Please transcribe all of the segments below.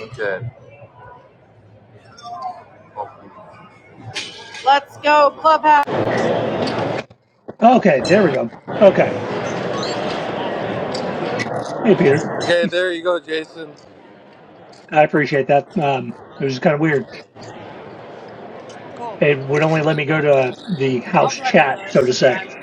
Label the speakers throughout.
Speaker 1: Okay. Oh. Let's go, Clubhouse.
Speaker 2: Okay, there we go. Okay. Hey, Peter.
Speaker 1: Okay, there you go, Jason.
Speaker 2: I appreciate that. Um, it was just kind of weird.
Speaker 1: Cool.
Speaker 2: It would only let me go to the house
Speaker 1: I'll try one of
Speaker 2: chat, so
Speaker 1: those
Speaker 2: to say.
Speaker 1: sometime.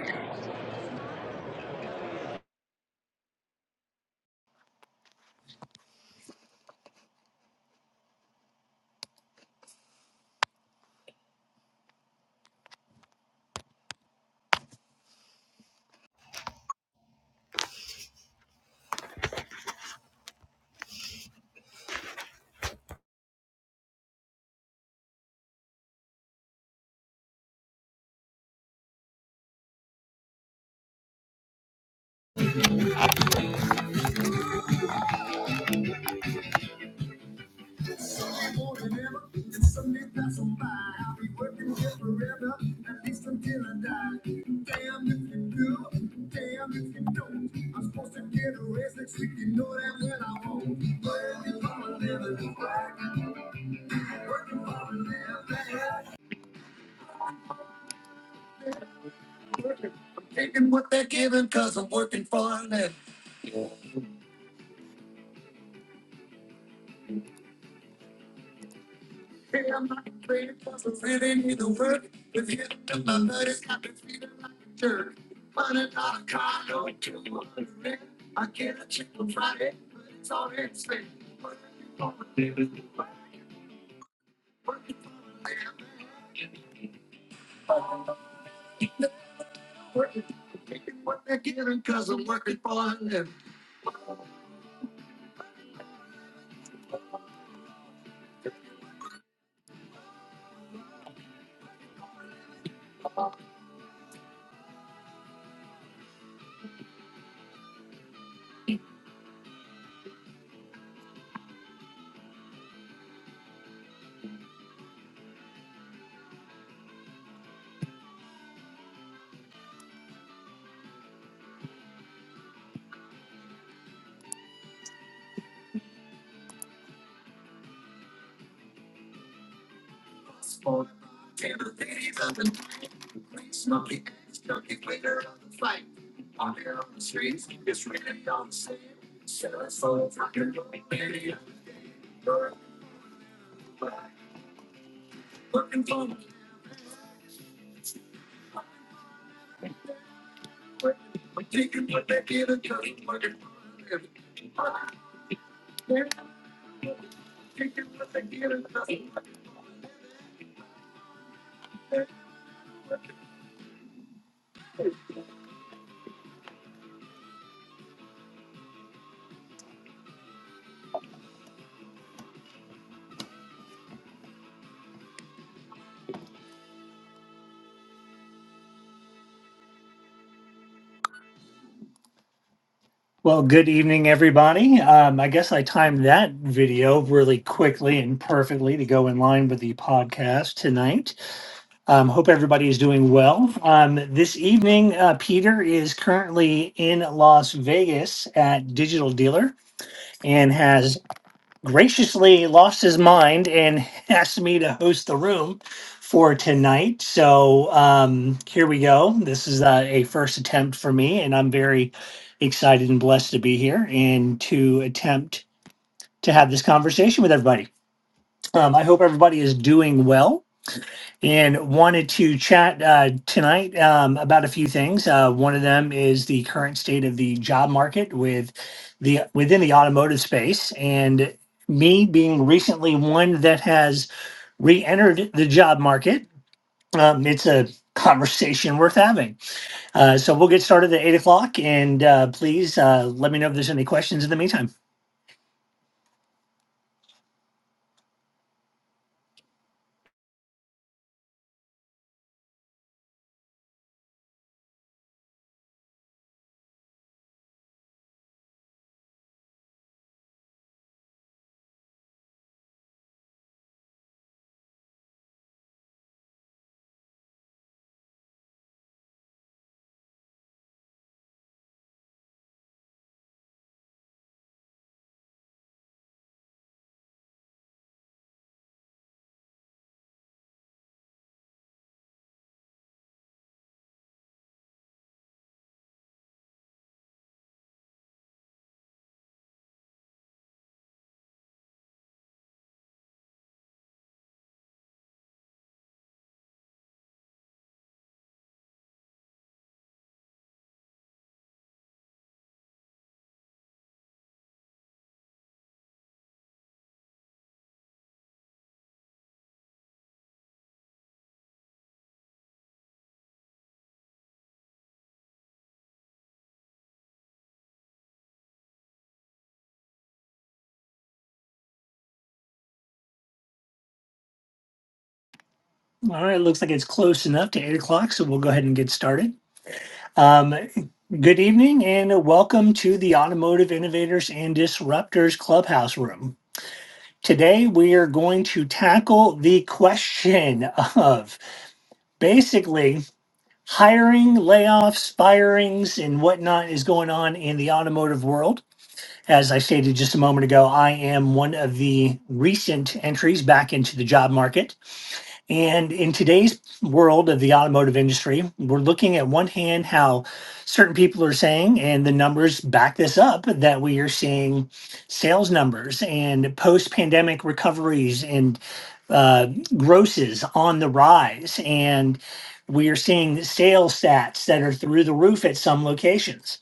Speaker 2: Well, good evening, everybody. Um, I guess I timed that video really quickly and perfectly to go in line with the podcast tonight. Um, hope everybody is doing well. Um, this evening, uh, Peter is currently in Las Vegas at Digital Dealer and has graciously lost his mind and asked me to host the room for tonight. So um, here we go. This is uh, a first attempt for me, and I'm very excited and blessed to be here and to attempt to have this conversation with everybody. Um, I hope everybody is doing well and wanted to chat uh, tonight um, about a few things. Uh, one of them is the current state of the job market with the within the automotive space, and me being recently one that has re-entered the job market. Um, it's a conversation worth having. Uh, so we'll get started at eight o'clock, and uh, please uh, let me know if there's any questions in the meantime. All right, looks like it's close enough to eight o'clock, so we'll go ahead and get started. Um, good evening and welcome to the Automotive Innovators and Disruptors Clubhouse Room. Today we are going to tackle the question of basically hiring, layoffs, firings, and whatnot is going on in the automotive world. As I stated just a moment ago, I am one of the recent entries back into the job market. And in today's world of the automotive industry, we're looking at one hand how certain people are saying, and the numbers back this up, that we are seeing sales numbers and post pandemic recoveries and uh, grosses on the rise. And we are seeing sales stats that are through the roof at some locations.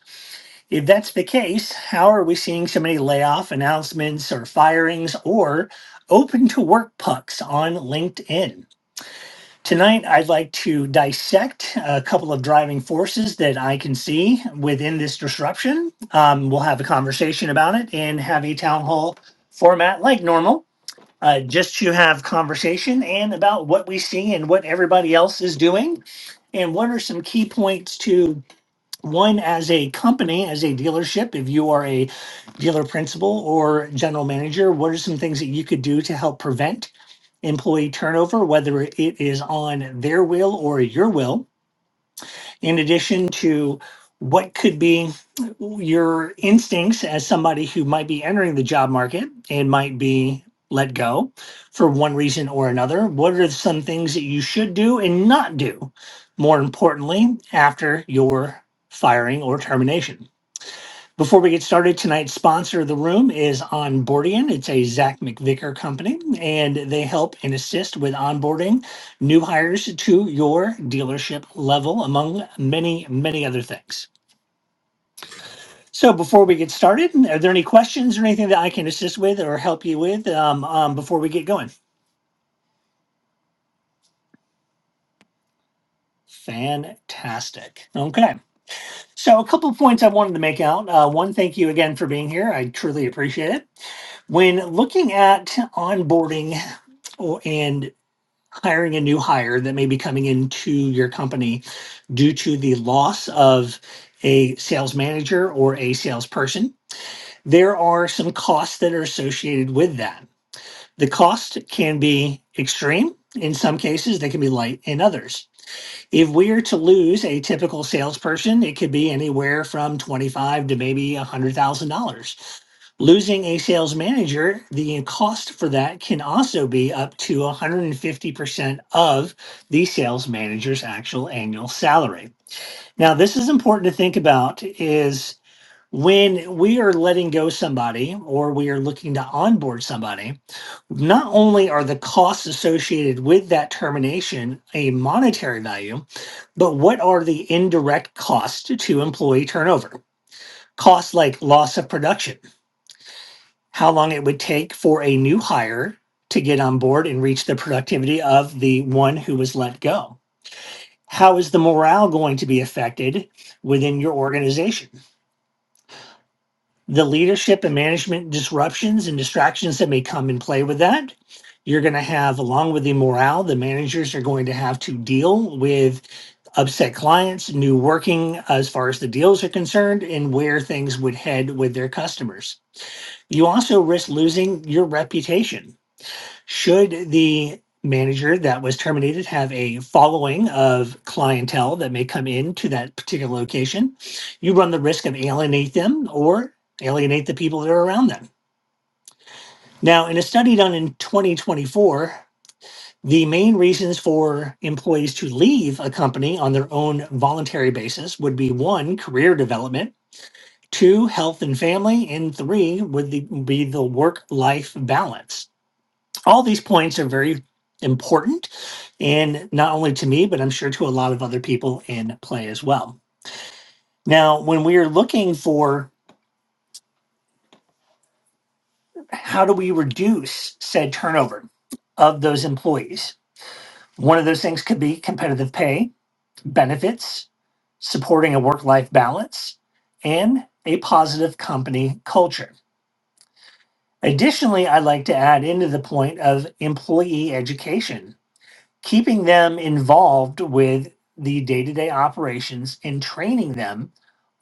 Speaker 2: If that's the case, how are we seeing so many layoff announcements or firings or open to work pucks on LinkedIn? Tonight, I'd like to dissect a couple of driving forces that I can see within this disruption. Um, we'll have a conversation about it and have a town hall format like normal, uh, just to have conversation and about what we see and what everybody else is doing. And what are some key points to one as a company, as a dealership, if you are a dealer principal or general manager, what are some things that you could do to help prevent? employee turnover, whether it is on their will or your will, in addition to what could be your instincts as somebody who might be entering the job market and might be let go for one reason or another. What are some things that you should do and not do? More importantly, after your firing or termination. Before we get started, tonight's sponsor of the room is Onboardian. It's a Zach McVicker company, and they help and assist with onboarding new hires to your dealership level, among many, many other things. So, before we get started, are there any questions or anything that I can assist with or help you with um, um, before we get going? Fantastic. Okay. So, a couple of points I wanted to make out. Uh, one, thank you again for being here. I truly appreciate it when looking at onboarding or and hiring a new hire that may be coming into your company due to the loss of a sales manager or a salesperson, there are some costs that are associated with that. The cost can be extreme in some cases, they can be light in others. If we're to lose a typical salesperson, it could be anywhere from twenty-five to maybe a hundred thousand dollars. Losing a sales manager, the cost for that can also be up to 150% of the sales manager's actual annual salary. Now, this is important to think about is when we are letting go somebody or we are looking to onboard somebody, not only are the costs associated with that termination a monetary value, but what are the indirect costs to employee turnover? Costs like loss of production, how long it would take for a new hire to get on board and reach the productivity of the one who was let go. How is the morale going to be affected within your organization? the leadership and management disruptions and distractions that may come and play with that. You're going to have, along with the morale, the managers are going to have to deal with upset clients, new working as far as the deals are concerned, and where things would head with their customers. You also risk losing your reputation should the manager that was terminated have a following of clientele that may come in to that particular location, you run the risk of alienate them or alienate the people that are around them. Now, in a study done in 2024, the main reasons for employees to leave a company on their own voluntary basis would be one, career development, two, health and family, and three would the, be the work life balance all these points are very important and not only to me but i'm sure to a lot of other people in play as well now when we are looking for how do we reduce said turnover of those employees one of those things could be competitive pay benefits supporting a work-life balance and a positive company culture additionally i'd like to add into the point of employee education keeping them involved with the day to day operations and training them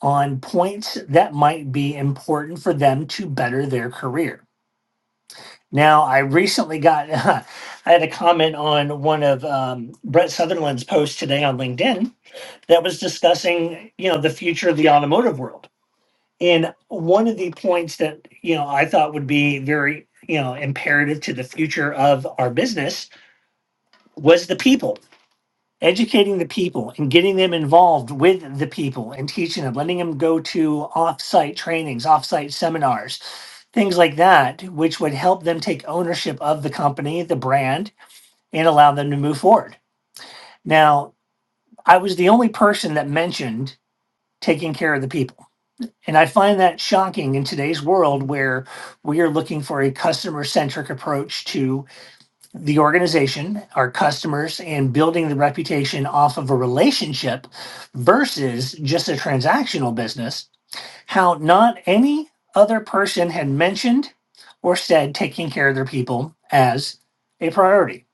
Speaker 2: on points that might be important for them to better their career. Now, I recently got, I had a comment on one of um, Brett Sutherland's posts today on LinkedIn that was discussing, you know, the future of the automotive world. And one of the points that, you know, I thought would be very, you know, imperative to the future of our business was the people educating the people and getting them involved with the people and teaching them, letting them go to off-site trainings, off-site seminars, things like that, which would help them take ownership of the company, the brand, and allow them to move forward. Now, I was the only person that mentioned taking care of the people. And I find that shocking in today's world where we are looking for a customer centric approach to the organization, our customers, and building the reputation off of a relationship versus just a transactional business, how not any other person had mentioned or said taking care of their people as a priority.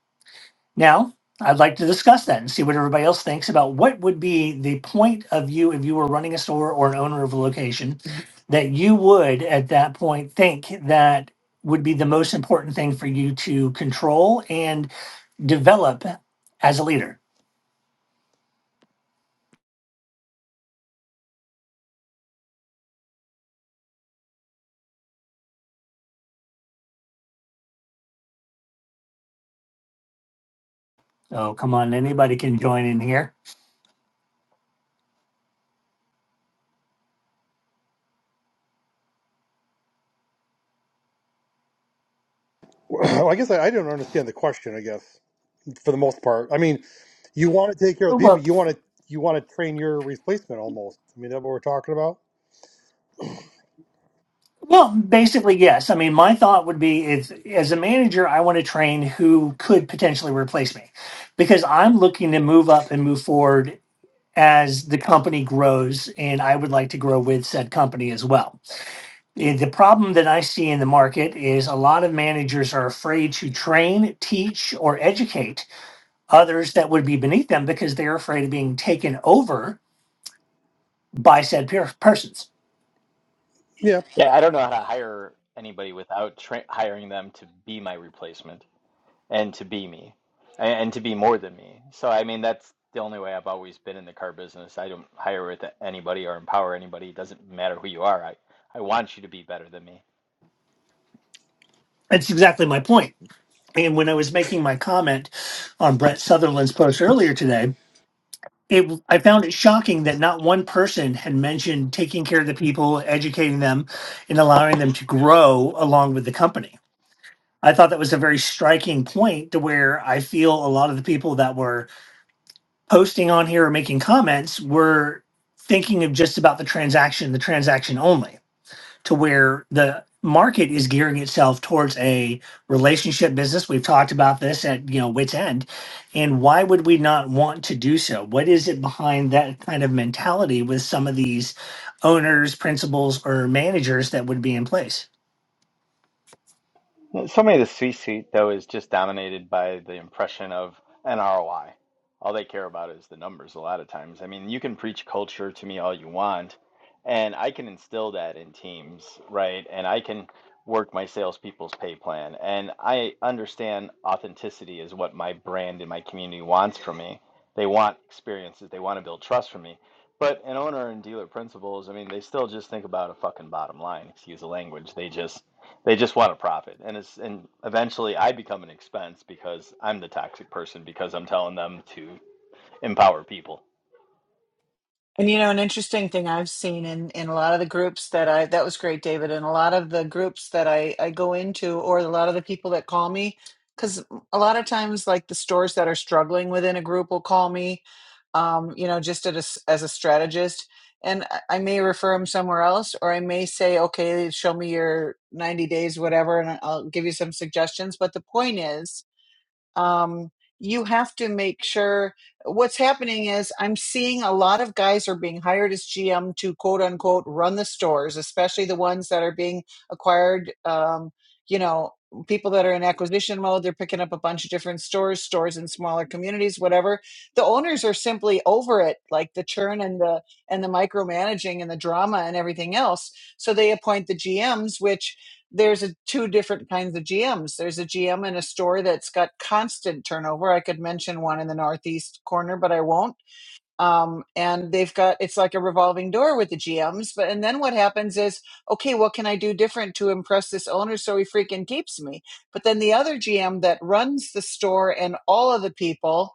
Speaker 2: Now, I'd like to discuss that and see what everybody else thinks about what would be the point of you if you were running a store or an owner of a location that you would at that point think that would be the most important thing for you to control and develop as a leader. Oh, come on, anybody can join in here.
Speaker 3: Well, I guess I, I don't understand the question. I guess for the most part, I mean, you want to take care of the people.
Speaker 2: Well,
Speaker 3: You want to you want to train your replacement almost. I mean, that what we're talking about.
Speaker 2: well, basically yes. I mean, my thought would be if as a manager, I want to train who could potentially replace me, because I'm looking to move up and move forward as the company grows, and I would like to grow with said company as well. And The problem that I see in the market is a lot of managers are afraid to train, teach, or educate others that would be beneath them because they're afraid of being taken over by said per- persons.
Speaker 3: Yeah.
Speaker 4: Yeah, I don't know how to hire anybody without tra hiring them to be my replacement and to be me and, and to be more than me. So, I mean, that's the only way I've always been in the car business. I don't hire with anybody or empower anybody. It doesn't matter who you are. I, I want you to be better than me.
Speaker 2: That's exactly my point. And when I was making my comment on Brett Sutherland's post earlier today, it I found it shocking that not one person had mentioned taking care of the people, educating them, and allowing them to grow along with the company. I thought that was a very striking point to where I feel a lot of the people that were posting on here or making comments were thinking of just about the transaction, the transaction only to where the market is gearing itself towards a relationship business. We've talked about this at you know wits end, and why would we not want to do so? What is it behind that kind of mentality with some of these owners, principals, or managers that would be in place?
Speaker 4: Yeah, So many of the C-suite, though, is just dominated by the impression of an ROI. All they care about is the numbers a lot of times. I mean, you can preach culture to me all you want, and I can instill that in teams, right? And I can work my salespeople's pay plan, and I understand authenticity is what my brand and my community wants from me. They want experiences, they want to build trust from me. But an owner and dealer principals, I mean, they still just think about a fucking bottom line, excuse the language. They just they just want to profit. And it's and eventually I become an expense because I'm the toxic person because I'm telling them to empower people.
Speaker 5: And you know, an interesting thing I've seen in in a lot of the groups that I that was great, David, and a lot of the groups that I I go into, or a lot of the people that call me, because a lot of times, like the stores that are struggling within a group will call me, um, you know, just at a s as a strategist, and I I may refer them somewhere else, or I may say, okay, show me your ninety days, whatever, and I'll give you some suggestions. But the point is um, you have to make sure what's happening is I'm seeing a lot of guys are being hired as GM to quote unquote run the stores, especially the ones that are being acquired. Um, you know, people that are in acquisition mode, they're picking up a bunch of different stores, stores in smaller communities, whatever. The owners are simply over it, like the churn and the and the micromanaging and the drama and everything else. So they appoint the GMs, which there's a two different kinds of GMs. There's a GM in a store that's got constant turnover. I could mention one in the northeast corner, but I won't um, and they've got it's like a revolving door with the GMs. But and then what happens is, okay, what can I do different to impress this owner so he freaking keeps me? But then the other GM that runs the store and all of the people,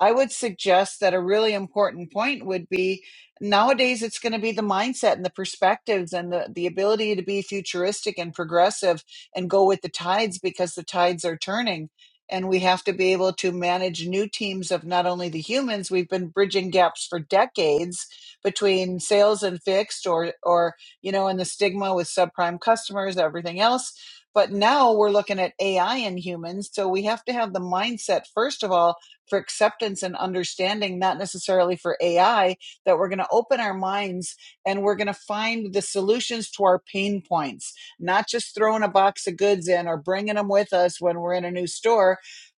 Speaker 5: I would suggest that a really important point would be nowadays it's going to be the mindset and the perspectives and the, the ability to be futuristic and progressive and go with the tides because the tides are turning and we have to be able to manage new teams of not only the humans we've been bridging gaps for decades between sales and fixed or or you know and the stigma with subprime customers everything else but now we're looking at ai and humans so we have to have the mindset first of all for acceptance and understanding not necessarily for ai that we're going to open our minds and we're going to find the solutions to our pain points not just throwing a box of goods in or bringing them with us when we're in a new store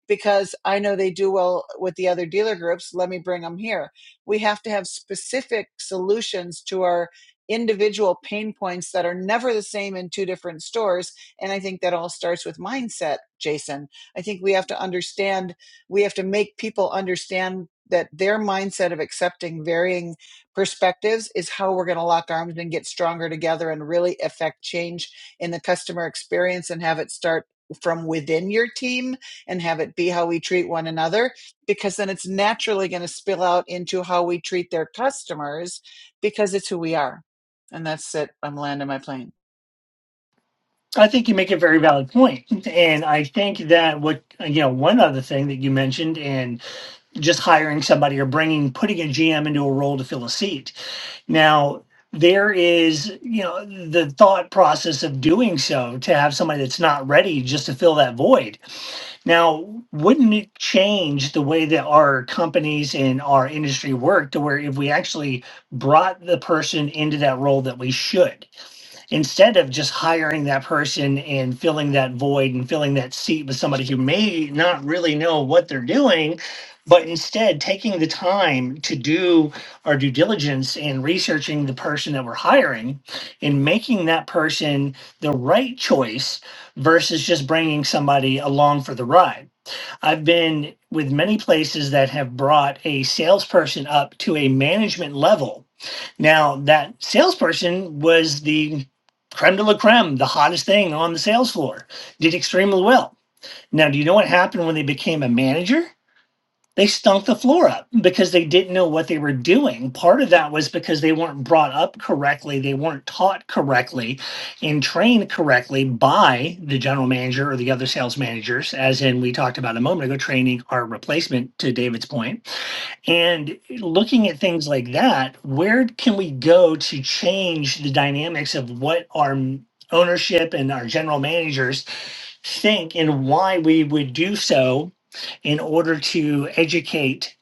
Speaker 5: because I know they do well with the other dealer groups. Let me bring them here. We have to have specific solutions to our individual pain points that are never the same in two different stores. And I think that all starts with mindset, Jason. I think we have to understand, we have to make people understand that their mindset of accepting varying perspectives is how we're going to lock arms and get stronger together and really affect change in the customer experience and have it start from within your team and have it be how we treat one another because then it's naturally going to spill out into how we treat their customers because it's who we are. And that's it. I'm landing my plane.
Speaker 2: I think you make a very valid point, and I think that what you know, one other thing that you mentioned, and just hiring somebody or bringing putting a GM into a role to fill a seat. Now, there is, you know, the thought process of doing so to have somebody that's not ready just to fill that void. Now, wouldn't it change the way that our companies and our industry work to where if we actually brought the person into that role that we should? instead of just hiring that person and filling that void and filling that seat with somebody who may not really know what they're doing, but instead taking the time to do our due diligence and researching the person that we're hiring and making that person the right choice versus just bringing somebody along for the ride I've been with many places that have brought a salesperson up to a management level. Now, that salesperson was the creme de la creme, the hottest thing on the sales floor, did extremely well. Now, do you know what happened when they became a manager? they stunk the floor up because they didn't know what they were doing. Part of that was because they weren't brought up correctly, they weren't taught correctly and trained correctly by the general manager or the other sales managers, as in we talked about a moment ago, training our replacement to David's point and looking at things like that, where can we go to change the dynamics of what our m- ownership and our general managers think and why we would do so in order to educate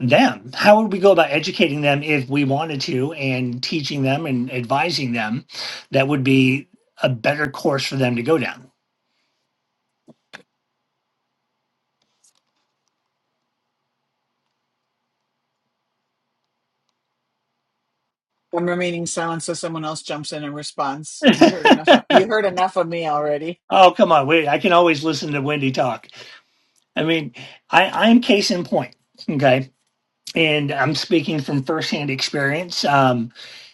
Speaker 2: them? How would we go about educating them if we wanted to and teaching them and advising them that would be a better course for them to go down?
Speaker 5: I'm remaining silent so someone else jumps in and responds. You heard enough of you heard enough of me already.
Speaker 2: oh, come on. Wait, I can always listen to Wendy talk. I mean, I, I'm case in point. Okay. And I'm speaking from firsthand experience. Um,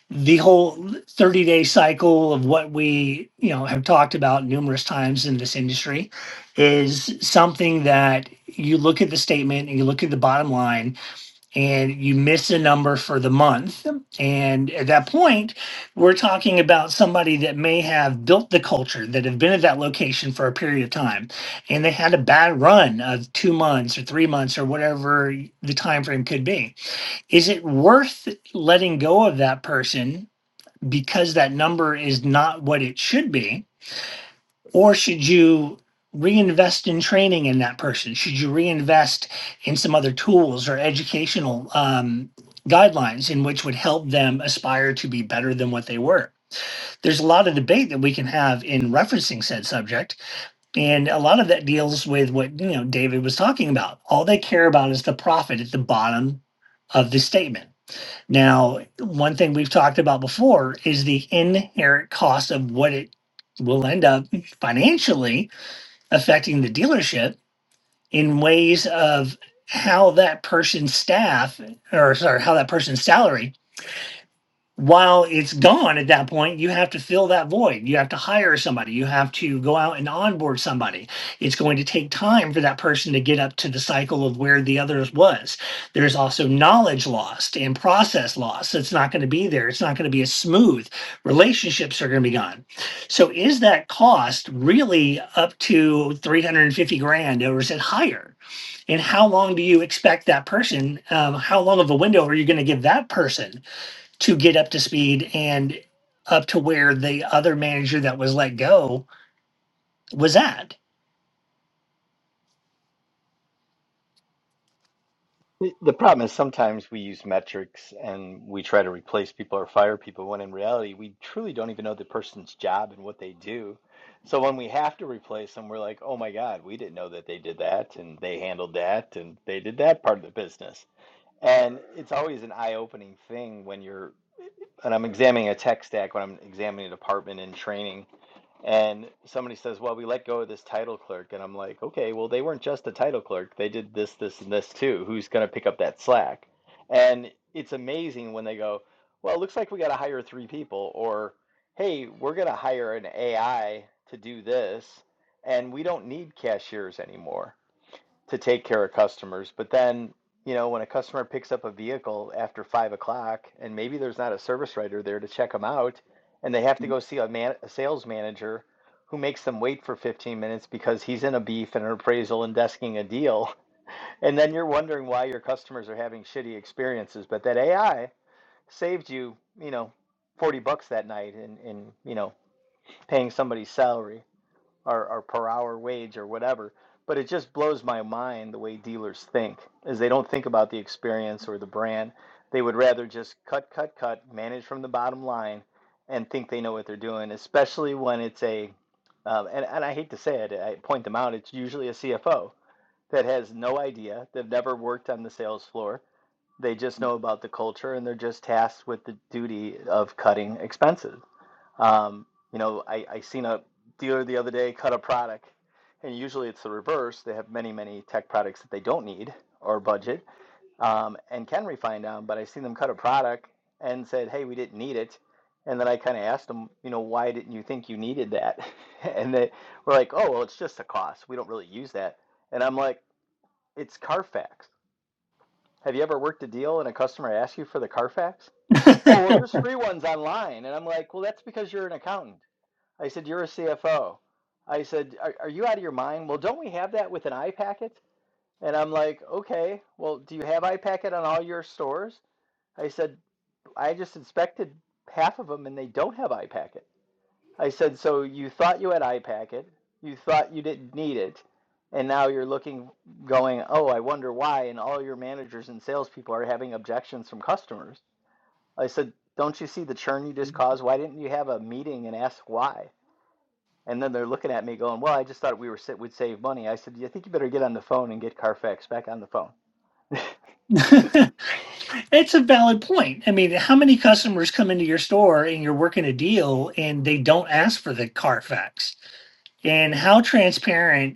Speaker 2: the whole 30 day cycle of what we, you know, have talked about numerous times in this industry is something that you look at the statement and you look at the bottom line and you miss a number for the month. And at that point, we're talking about somebody that may have built the culture, that have been at that location for a period of time, and they had a bad run of two months or three months or whatever the time frame could be. Is it worth letting go of that person because that number is not what it should be? or should you reinvest in training in that person? Should you reinvest in some other tools or educational um, guidelines in which would help them aspire to be better than what they were? There's a lot of debate that we can have in referencing said subject, and a lot of that deals with what you know David was talking about. All they care about is the profit at the bottom of the statement. Now, one thing we've talked about before is the inherent cost of what it will end up financially affecting the dealership in ways of how that person's staff or sorry how that person's salary while it's gone at that point, you have to fill that void. You have to hire somebody. You have to go out and onboard somebody. It's going to take time for that person to get up to the cycle of where the others was. There's also knowledge lost and process lost. It's not going to be there. It's not going to be as smooth. Relationships are going to be gone. So is that cost really up to 350 grand or is it higher? And how long do you expect that person? Um, how long of a window are you going to give that person to get up to speed and up to where the other manager that was let go was at.
Speaker 4: the problem is sometimes we use metrics and we try to replace people or fire people when in reality we truly don't even know the person's job and what they do. So when we have to replace them, we're like, "Oh my God, we didn't know that they did that and they handled that and they did that part of the business." And it's always an eye-opening thing when you're, and I'm examining a tech stack when I'm examining a department in training, and somebody says, "Well, we let go of this title clerk," and I'm like, "Okay, well, they weren't just a title clerk. They did this, this, and this too. Who's going to pick up that slack?" And it's amazing when they go, "Well, it looks like we got to hire three people," or, "Hey, we're going to hire an AI to do this, and we don't need cashiers anymore." to take care of customers. But then, you know, when a customer picks up a vehicle after five o'clock and maybe there's not a service writer there to check them out, and they have to go see a, man, a sales manager who makes them wait for 15 minutes because he's in a beef and an appraisal and desking a deal. And then you're wondering why your customers are having shitty experiences. But that AI saved you, you know, 40 bucks that night in, in you know, paying somebody's salary or, or per hour wage or whatever. But it just blows my mind the way dealers think is they don't think about the experience or the brand. They would rather just cut, cut, cut, manage from the bottom line and think they know what they're doing, especially when it's a, um, and, and I hate to say it, I point them out, it's usually a CFO that has no idea. They've never worked on the sales floor. They just know about the culture and they're just tasked with the duty of cutting expenses. Um, you know, I, I seen a dealer the other day cut a product, and usually it's the reverse. They have many, many tech products that they don't need or budget um, and can refine down. But I seen them cut a product and said, "Hey, we didn't need it." And then I kind of asked them, you know, why didn't you think you needed that? And they were like, "Oh, well, it's just a cost. We don't really use that." And I'm like, "It's Carfax. Have you ever worked a deal and a customer asks you for the Carfax?" Oh, well, there's free ones online. And I'm like, well, that's because you're an accountant. I said, You're a CFO. I said, Are, are you out of your mind? Well, don't we have that with an iPacket? And I'm like, Okay, well, do you have iPacket on all your stores? I said, I just inspected half of them and they don't have iPacket. I said, So you thought you had iPacket, you thought you didn't need it, and now you're looking, going, Oh, I wonder why. And all your managers and salespeople are having objections from customers. I said, Don't you see the churn you just caused? Why didn't you have a meeting and ask why? And then they're looking at me going, "Well, I just thought we were sa- would save money." I said, "I think you better get on the phone and get Carfax back on the phone."
Speaker 2: it's a valid point. I mean, how many customers come into your store and you're working a deal and they don't ask for the Carfax? And how transparent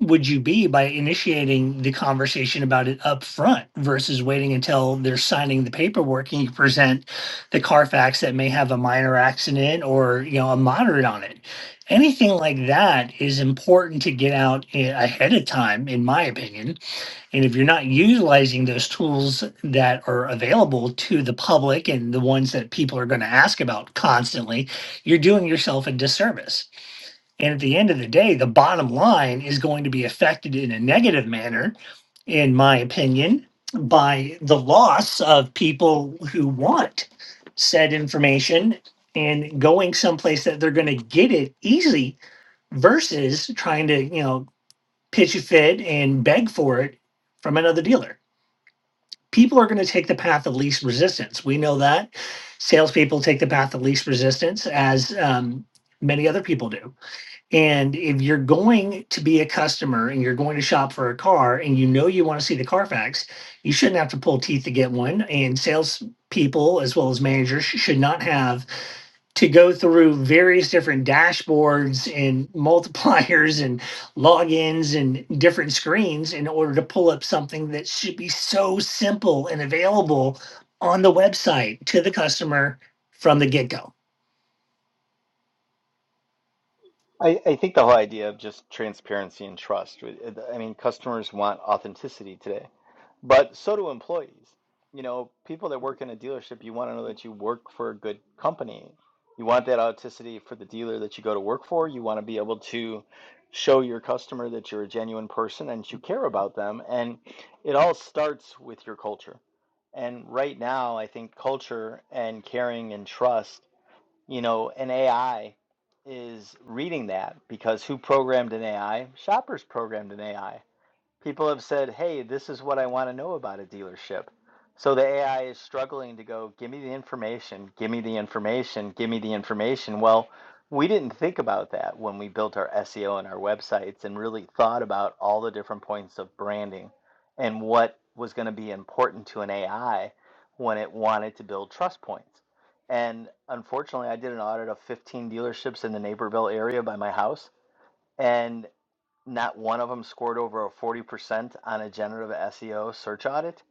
Speaker 2: would you be by initiating the conversation about it up front versus waiting until they're signing the paperwork and you present the Carfax that may have a minor accident or you know a moderate on it? Anything like that is important to get out a- ahead of time, in my opinion. And if you're not utilizing those tools that are available to the public and the ones that people are going to ask about constantly, you're doing yourself a disservice. And at the end of the day, the bottom line is going to be affected in a negative manner, in my opinion, by the loss of people who want said information and going someplace that they're going to get it easy versus trying to, you know, pitch a fit and beg for it from another dealer. People are going to take the path of least resistance. We know that salespeople take the path of least resistance, as um, many other people do and if you're going to be a customer and you're going to shop for a car and you know you want to see the Carfax, you shouldn't have to pull teeth to get one. And salespeople, as well as managers, should not have to go through various different dashboards and multipliers and logins and different screens in order to pull up something that should be so simple and available on the website to the customer from the get go.
Speaker 4: I, I think the whole idea of just transparency and trust. I mean, customers want authenticity today. But so do employees. You know, people that work in a dealership, you want to know that you work for a good company. You want that authenticity for the dealer that you go to work for. You want to be able to show your customer that you're a genuine person and that you care about them. And it all starts with your culture. And right now, I think culture and caring and trust, you know, and AI is reading that because who programmed an AI? Shoppers programmed an AI People have said, hey, this is what I want to know about a dealership. So the AI is struggling to go, give me the information, give me the information, give me the information. Well, we didn't think about that when we built our SEO and our websites and really thought about all the different points of branding and what was going to be important to an AI when it wanted to build trust points. And unfortunately, I did an audit of 15 dealerships in the Naperville area by my house. and not one of them scored over a 40% on a generative SEO search audit.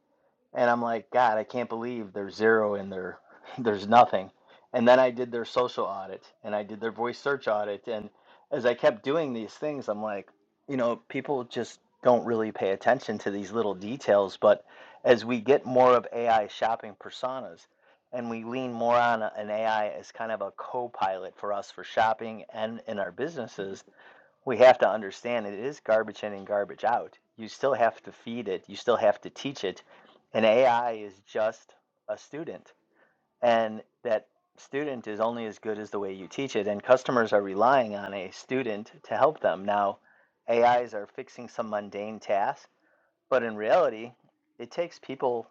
Speaker 4: And I'm like, God, I can't believe there's zero in there. There's nothing. And then I did their social audit and I did their voice search audit. And as I kept doing these things, I'm like, you know, people just don't really pay attention to these little details. But as we get more of AI shopping personas and we lean more on an AI as kind of a co pilot for us for shopping and in our businesses, we have to understand it is garbage in and garbage out. You still have to feed it, you still have to teach it. And AI is just a student. And that student is only as good as the way you teach it. And customers are relying on a student to help them. Now, AIs are fixing some mundane tasks, but in reality, it takes people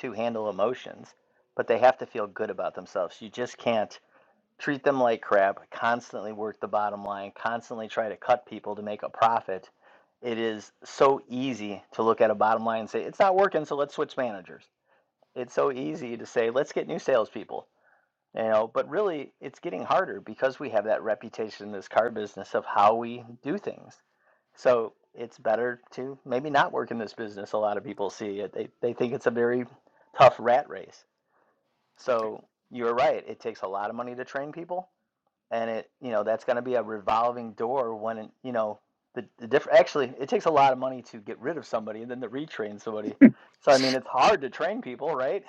Speaker 4: to handle emotions, but they have to feel good about themselves. You just can't treat them like crap, constantly work the bottom line, constantly try to cut people to make a profit, it is so easy to look at a bottom line and say, it's not working, so let's switch managers. It's so easy to say, let's get new salespeople. You know, but really it's getting harder because we have that reputation in this car business of how we do things. So it's better to maybe not work in this business. A lot of people see it. They they think it's a very tough rat race. So you're right. It takes a lot of money to train people and it you know that's going to be a revolving door when it, you know the, the different actually it takes a lot of money to get rid of somebody and then to retrain somebody so i mean it's hard to train people right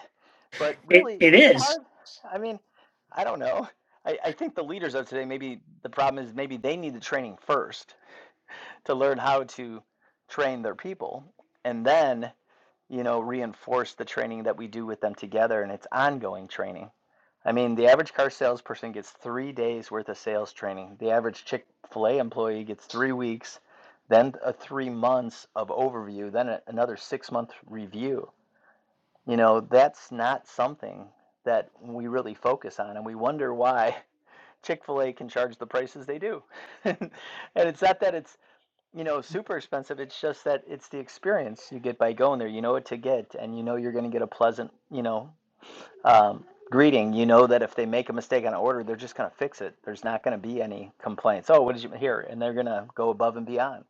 Speaker 4: but
Speaker 2: It,
Speaker 4: really
Speaker 2: it
Speaker 4: is it
Speaker 2: is.
Speaker 4: hard i mean i don't know i, I think the leaders of today maybe the problem is maybe they need the training first to learn how to train their people and then you know, reinforce the training that we do with them together, and it's ongoing training. I mean, the average car salesperson gets three days worth of sales training. The average Chick fil A employee gets three weeks, then a three months of overview, then a, another six month review. You know, that's not something that we really focus on, and we wonder why Chick fil A can charge the prices they do. and it's not that it's you know, super expensive. It's just that it's the experience you get by going there. You know what to get, and you know you're going to get a pleasant, you know, um, greeting. You know that if they make a mistake on an order, they're just going to fix it. There's not going to be any complaints. Oh, what did you hear? And they're going to go above and beyond.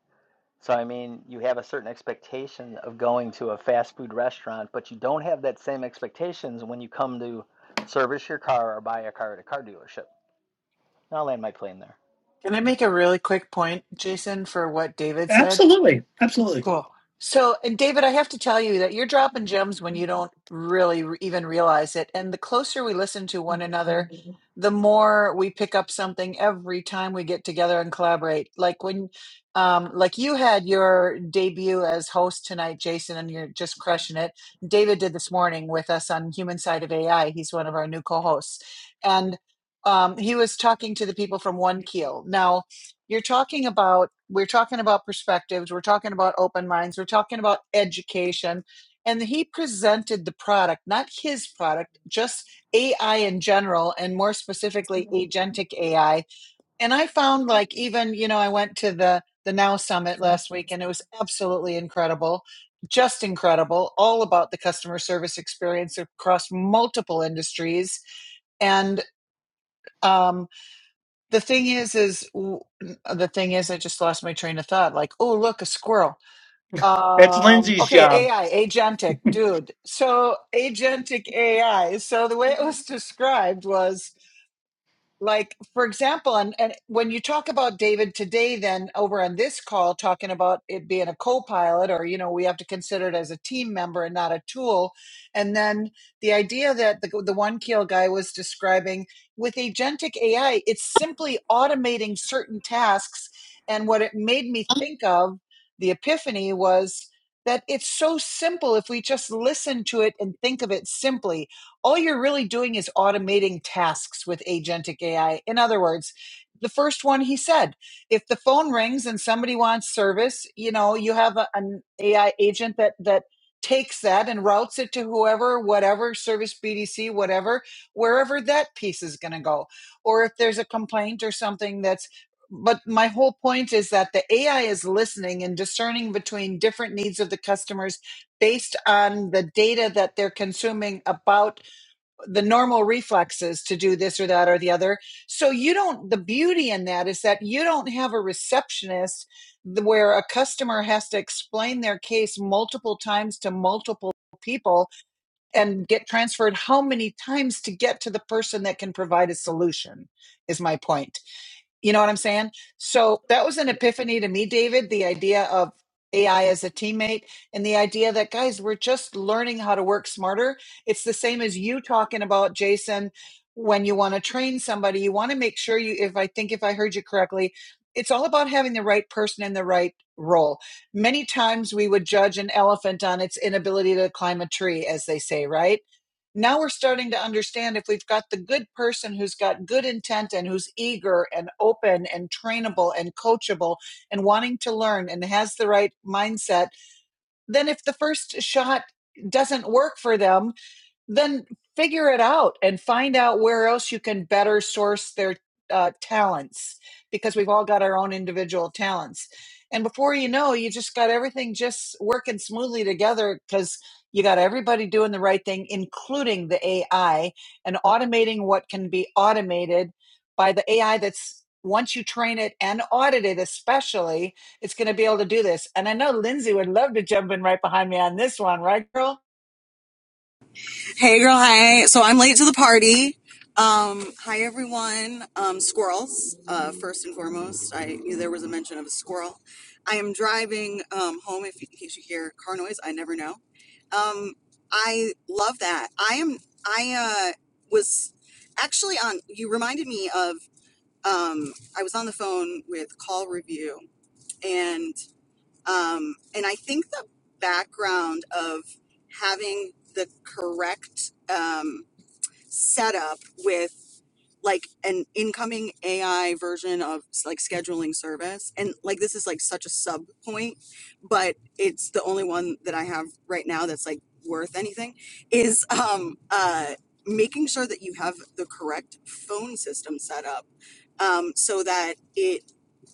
Speaker 4: So, I mean, you have a certain expectation of going to a fast food restaurant, but you don't have that same expectations when you come to service your car or buy a car at a car dealership. I'll land my plane there.
Speaker 5: Can I make a really quick point, Jason, for what David said?
Speaker 2: Absolutely, absolutely.
Speaker 5: Cool. So, and David, I have to tell you that you're dropping gems when you don't really re- even realize it. And the closer we listen to one another, the more we pick up something every time we get together and collaborate. Like when, um, like you had your debut as host tonight, Jason, and you're just crushing it. David did this morning with us on Human Side of AI. He's one of our new co-hosts, and um, he was talking to the people from One Keel. Now, you're talking about we're talking about perspectives we're talking about open minds we're talking about education and he presented the product not his product just ai in general and more specifically agentic ai and i found like even you know i went to the the now summit last week and it was absolutely incredible just incredible all about the customer service experience across multiple industries and um, the thing is is w- the thing is i just lost my train of thought like oh look a squirrel
Speaker 2: That's
Speaker 5: um
Speaker 2: Lindsay's
Speaker 5: okay
Speaker 2: job.
Speaker 5: ai agentic dude so agentic ai so the way it was described was like for example and, and when you talk about david today then over on this call talking about it being a co-pilot or you know we have to consider it as a team member and not a tool and then the idea that the, the one keel guy was describing with agentic ai it's simply automating certain tasks and what it made me think of the epiphany was that it's so simple if we just listen to it and think of it simply all you're really doing is automating tasks with agentic AI. In other words, the first one he said, if the phone rings and somebody wants service, you know, you have a, an AI agent that that takes that and routes it to whoever, whatever service BDC, whatever, wherever that piece is going to go. Or if there's a complaint or something that's but my whole point is that the AI is listening and discerning between different needs of the customers based on the data that they're consuming about the normal reflexes to do this or that or the other. So you don't, the beauty in that is that you don't have a receptionist where a customer has to explain their case multiple times to multiple people and get transferred how many times to get to the person that can provide a solution, is my point. You know what I'm saying? So that was an epiphany to me, David, the idea of AI as a teammate and the idea that guys, we're just learning how to work smarter. It's the same as you talking about Jason when you want to train somebody, you want to make sure you if I think if I heard you correctly, it's all about having the right person in the right role. Many times we would judge an elephant on its inability to climb a tree as they say, right? now we're starting to understand if we've got the good person who's got good intent and who's eager and open and trainable and coachable and wanting to learn and has the right mindset, then if the first shot doesn't work for them, then figure it out and find out where else you can better source their uh, talents because we've all got our own individual talents. And before you know, you just got everything just working smoothly together because you got everybody doing the right thing, including the AI and automating what can be automated by the AI that's once you train it and audit it, especially, it's going to be able to do this. And I know Lindsay would love to jump in right behind me on this one, right, girl?
Speaker 6: Hey girl, hey. So I'm late to the party. Um, hi everyone. Um, squirrels, uh, first and foremost. I knew there was a mention of a squirrel. I am driving um, home if in case you hear car noise, I never know. Um, I love that. I am I uh, was actually on you reminded me of um, I was on the phone with call review and um, and I think the background of having the correct um, setup with like an incoming AI version of like scheduling service, and like this is like such a sub point, but it's the only one that I have right now that's like worth anything is um, uh, making sure that you have the correct phone system set up um, so that it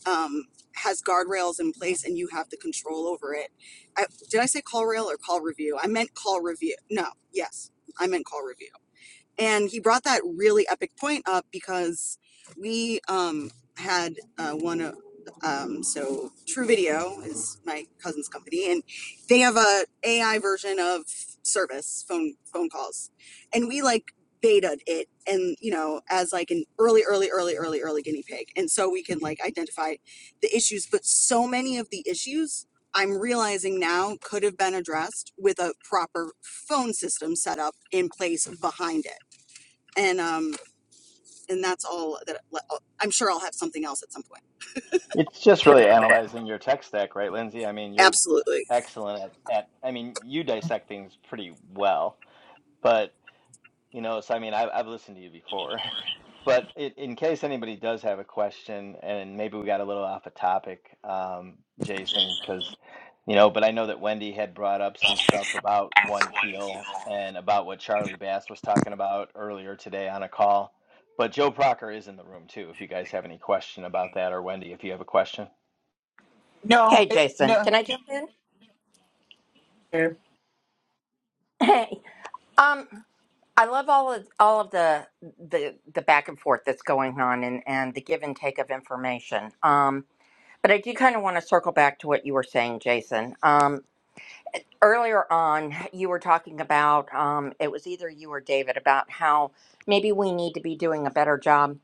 Speaker 6: um, has guardrails in place and you have the control over it. I, did I say call rail or call review? I meant call review. No, yes, I meant call review and he brought that really epic point up because we um, had uh, one of um, so True Video is my cousin's company, and they have a AI version of service phone phone calls, and we like betaed it and you know as like an early early early early early guinea pig and so we can like identify the issues but so many of the issues i'm realizing now could have been addressed with a proper phone system set up in place behind it and um and that's all that well, I'm sure I'll have something else at some point.
Speaker 4: It's just really analyzing your tech stack, right, Lindsay? I mean, you're
Speaker 6: Absolutely.
Speaker 4: excellent at, at I mean, you dissect things pretty well, but you know, so I mean, I've, I've listened to you before, but it, in case anybody does have a question, and maybe we got a little off a topic, um, Jason, because you know, but I know that Wendy had brought up some stuff about One Keel and about what Charlie Bass was talking about earlier today on a call. But Joe Procker is in the room too, if you guys have any question about that, or Wendy, if you have a question.
Speaker 5: No,
Speaker 7: Hey,
Speaker 5: it,
Speaker 7: Jason,
Speaker 5: no.
Speaker 7: can I jump in? Hey, um, I love all of all of the the the back and forth that's going on and and the give and take of information. Um, but I do kind of want to circle back to what you were saying, Jason. Um, earlier on, you were talking about um, it was either you or David about how maybe we need to be doing a better job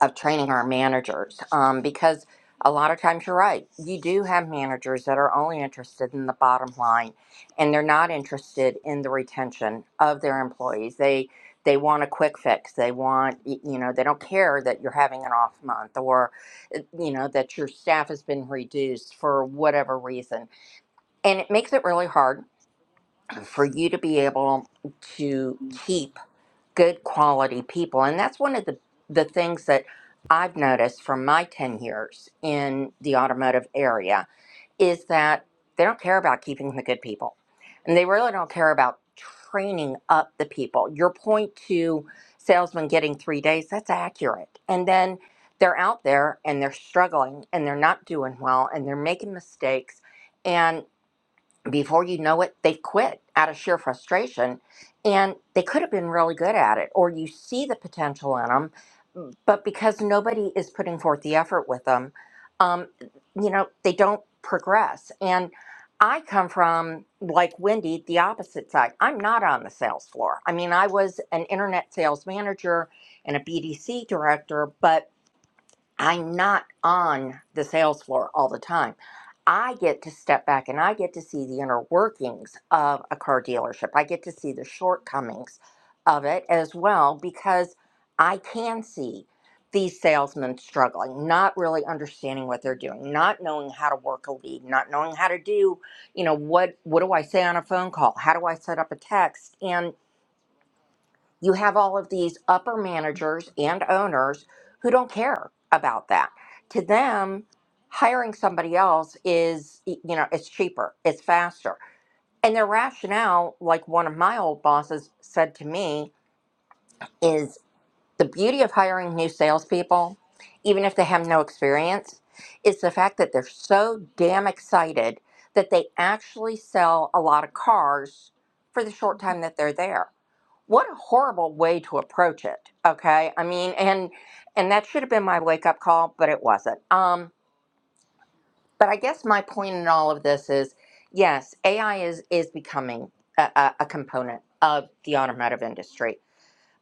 Speaker 7: of training our managers um, because a lot of times you're right. You do have managers that are only interested in the bottom line and they're not interested in the retention of their employees. They they want a quick fix. They want y- you know, they don't care that you're having an off month or uh, you know that your staff has been reduced for whatever reason. And it makes it really hard for you to be able to keep good quality people and that's one of the the things that I've noticed from my 10 years in the automotive area is that they don't care about keeping the good people and they really don't care about training up the people your point to salesman getting 3 days that's accurate and then they're out there and they're struggling and they're not doing well and they're making mistakes and before you know it, they quit out of sheer frustration. And they could have been really good at it, or you see the potential in them, but because nobody is putting forth the effort with them, um, you know, they don't progress. And I come from, like Wendy, the opposite side. I'm not on the sales floor. I mean, I was an internet sales manager and a BDC director, but I'm not on the sales floor all the time. I get to step back and I get to see the inner workings of a car dealership. I get to see the shortcomings of it as well because I can see these salesmen struggling, not really understanding what they're doing, not knowing how to work a lead, not knowing how to do, you know, what what do I say on a phone call? How do I set up a text? And you have all of these upper managers and owners who don't care about that. To them, hiring somebody else is, you know, it's cheaper, it's faster. And their rationale, like one of my old bosses said to me, is the beauty of hiring new salespeople, even if they have no experience, is the fact that they're so damn excited that they actually sell a lot of cars for the short time that they're there what a horrible way to approach it okay i mean and and that should have been my wake up call but it wasn't um but i guess my point in all of this is yes ai is is becoming a, a, a component of the automotive industry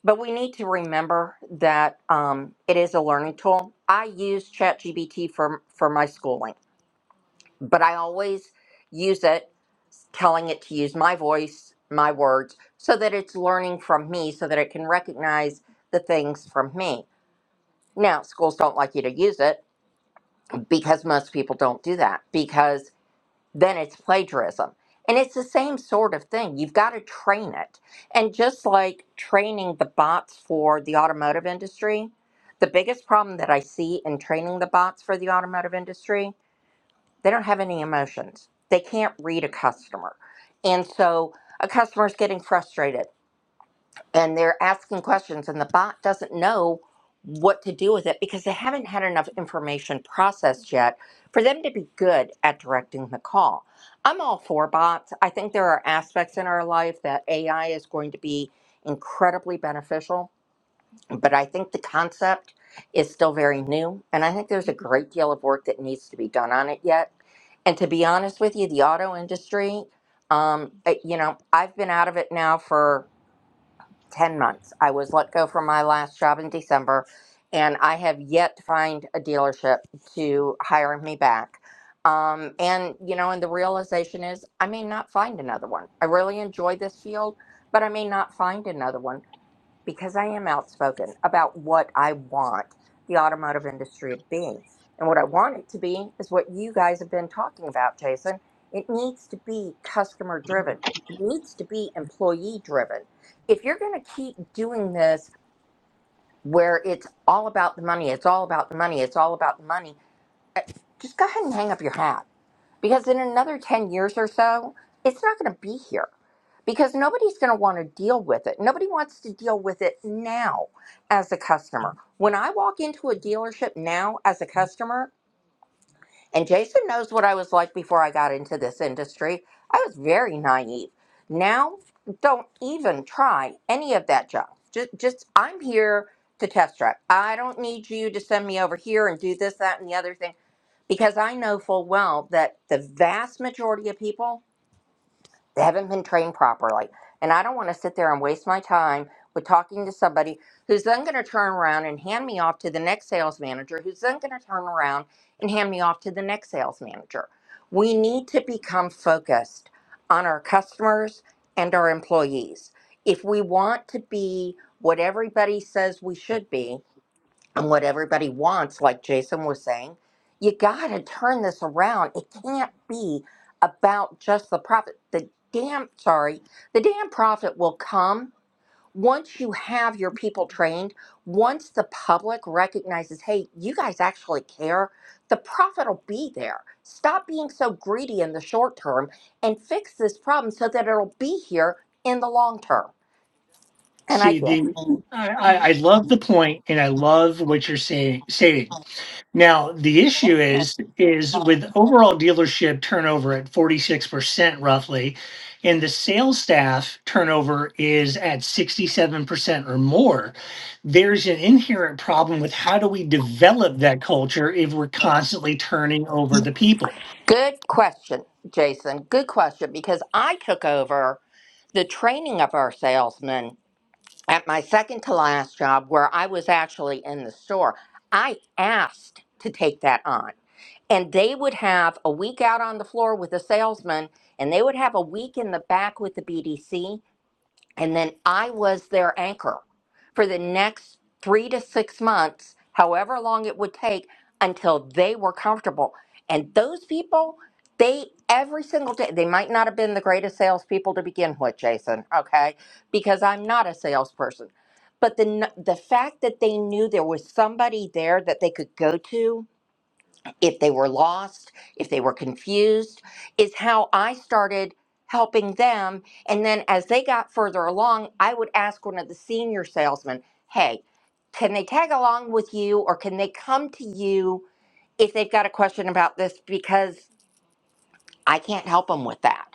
Speaker 7: but we need to remember that um, it is a learning tool i use chatgpt for for my schooling but i always use it telling it to use my voice, my words, so that it's learning from me, so that it can recognize the things from me. Now, schools don't like you to use it because most people don't do that because then it's plagiarism. And it's the same sort of thing. You've got to train it. And just like training the bots for the automotive industry, the biggest problem that I see in training the bots for the automotive industry they don't have any emotions. They can't read a customer. And so a customer is getting frustrated and they're asking questions, and the bot doesn't know what to do with it because they haven't had enough information processed yet for them to be good at directing the call. I'm all for bots. I think there are aspects in our life that AI is going to be incredibly beneficial but I think the concept is still very new, and I think there's a great deal of work that needs to be done on it yet. And to be honest with you, the auto industry, um, uh, you know, I've been out of it now for 10 months. I was let go from my last job in December, and I have yet to find a dealership to hire me back. Um, and, you know, and the realization is I may not find another one. I really enjoy this field, but I may not find another one because I am outspoken about what I want the automotive industry to be. And what I want it to be is what you guys have been talking about, Jason. It needs to be customer driven, it needs to be employee driven. If you're going to keep doing this where it's all about the money, it's all about the money, it's all about the money, just go ahead and hang up your hat because in another 10 years or so, it's not going to be here because nobody's going to want to deal with it. Nobody wants to deal with it now as a customer. When I walk into a dealership now as a customer, and Jason knows what I was like before I got into this industry, I was very naive. Now, don't even try any of that junk. Just, just I'm here to test drive. I don't need you to send me over here and do this, that, and the other thing because I know full well that the vast majority of people they haven't been trained properly. And I don't want to sit there and waste my time with talking to somebody who's then going to turn around and hand me off to the next sales manager, who's then going to turn around and hand me off to the next sales manager. We need to become focused on our customers and our employees. If we want to be what everybody says we should be, and what everybody wants, like Jason was saying, you got to turn this around. It can't be about just the profit. The damn, sorry, the damn profit will come once you have your people trained, once the public recognizes, hey, you guys actually care, the profit will be there. Stop being so greedy in the short term and fix this problem so that it'll be here in the long term. And I
Speaker 2: See
Speaker 7: did.
Speaker 2: the, I, I, I love the point, and I love what you're saying. Saying now, the issue is is with overall dealership turnover at 46 percent roughly, and the sales staff turnover is at 67 percent or more. There's an inherent problem with how do we develop that culture if we're constantly turning over the people
Speaker 7: Good question, Jason. Good question because I took over the training of our salesmen at my second to last job where I was actually in the store. I asked to take that on. And they would have a week out on the floor with the salesman, and they would have a week in the back with the BDC. And then I was their anchor for the next three to six months, however long it would take until they were comfortable. And those people, they every single day, they might not have been the greatest salespeople to begin with, Jason, okay? Because I'm not a salesperson. But the, n- the fact that they knew there was somebody there that they could go to, if they were lost, if they were confused, is how I started helping them. And then as they got further along, I would ask one of the senior salesmen, hey, can they tag along with you or can they come to you if they've got a question about this? Because I can't help them with that.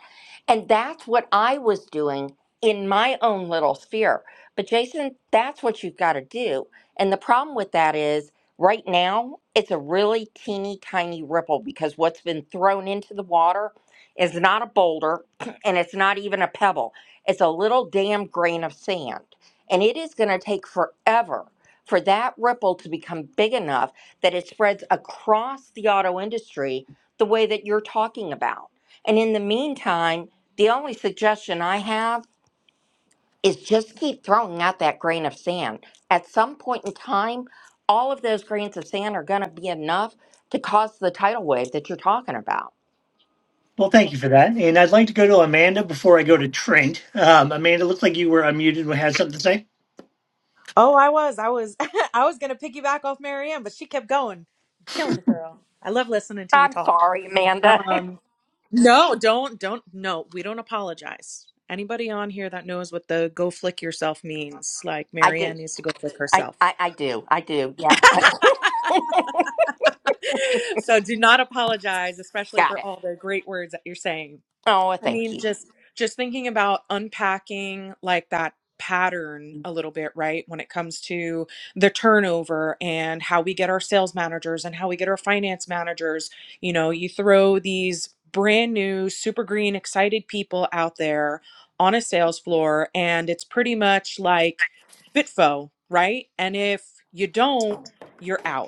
Speaker 7: And that's what I was doing in my own little sphere. But Jason, that's what you've got to do. And the problem with that is right now, it's a really teeny tiny ripple because what's been thrown into the water is not a boulder and it's not even a pebble. It's a little damn grain of sand. And it is going to take forever for that ripple to become big enough that it spreads across the auto industry the way that you're talking about. And in the meantime, the only suggestion I have is just keep throwing out that grain of sand. At some point in time, all of those grains of sand are going to be enough to cause the tidal wave that you're talking about.
Speaker 2: Well, thank you for that. And I'd like to go to Amanda before I go to Trent. Um, Amanda, looked like you were unmuted and had something to say.
Speaker 8: Oh, I was. I was I was gonna piggyback off Marianne, but she kept going. Killing it, girl. I love listening to you
Speaker 7: I'm
Speaker 8: talk.
Speaker 7: sorry, Amanda.
Speaker 8: Um no, don't don't no, we don't apologize. Anybody on here that knows what the go flick yourself means, like
Speaker 7: I do.
Speaker 8: Marianne needs to go flick
Speaker 7: I,
Speaker 8: herself.
Speaker 7: I, I do. I do. Yeah.
Speaker 8: so do not apologize, especially
Speaker 7: Got
Speaker 8: for
Speaker 7: it.
Speaker 8: all the great words that you're saying.
Speaker 7: Oh,
Speaker 8: I
Speaker 7: thank
Speaker 8: mean,
Speaker 7: you.
Speaker 8: just just thinking about unpacking like that pattern a little bit, right? When it comes to the turnover and how we get our sales managers and how we get our finance managers, you know, you throw these brand new, super green, excited people out there on a sales floor and it's pretty much like Bitfo, right? And if you don't, you're out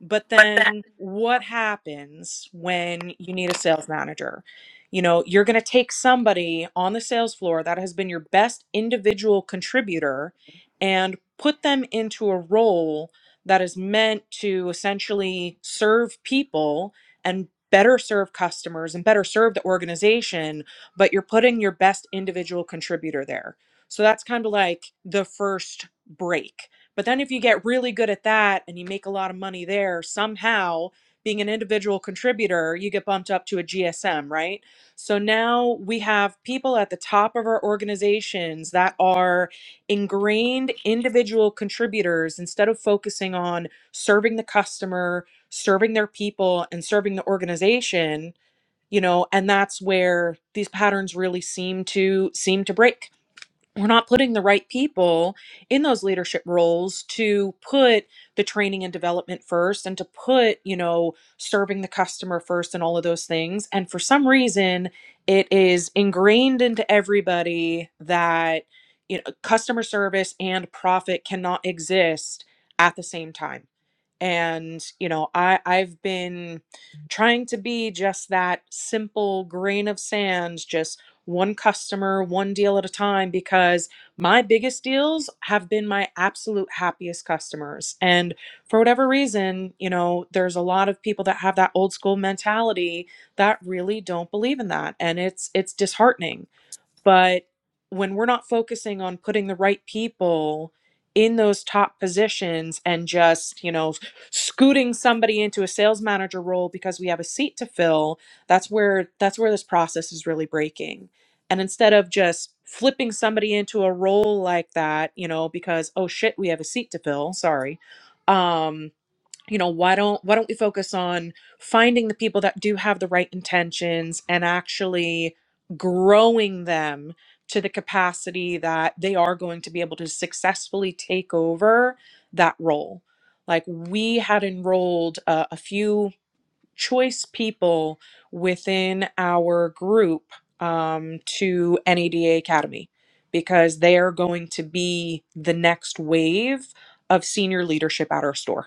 Speaker 8: but
Speaker 9: But that
Speaker 8: then what happens when you need a sales manager? You know, you're going to take somebody on the sales floor that has been your best individual contributor and put them into a role that is meant to essentially serve people and better serve customers and better serve the organization, but you're putting your best individual contributor there. So that's kind of like the first break but then if you get really good at that and you make a lot of money there, somehow being an individual contributor, you get bumped up to a GSM, right? So now we have people at the top of our organizations that are ingrained individual contributors instead of focusing on serving the customer, serving their people, and serving the organization you know and that's where these patterns really seem to seem to break we're not putting the right people in those leadership roles to put the training and development first and to put you know serving the customer first and all of those things and for some reason it is ingrained into everybody that you know customer service and profit cannot exist at the same time and you know i i've been trying to be just that simple grain of sand just one customer one deal at a time because my biggest deals have been my absolute happiest customers and for whatever reason you know there's a lot of people that have that old school mentality that really don't believe in that and it's it's disheartening but when we're not focusing on putting the right people in those top positions and just, you know, scooting somebody into a sales manager role because we have a seat to fill, that's where that's where this process is really breaking. And instead of just flipping somebody into a role like that, you know, because oh shit, we have a seat to fill, sorry. Um you know why don't why don't we focus on finding the people that do have the right intentions and actually growing them to the capacity that they are going to be able to successfully take over that role like we had enrolled uh, a few choice people within our group um, to nada academy because they are going to be the next wave of senior leadership at our store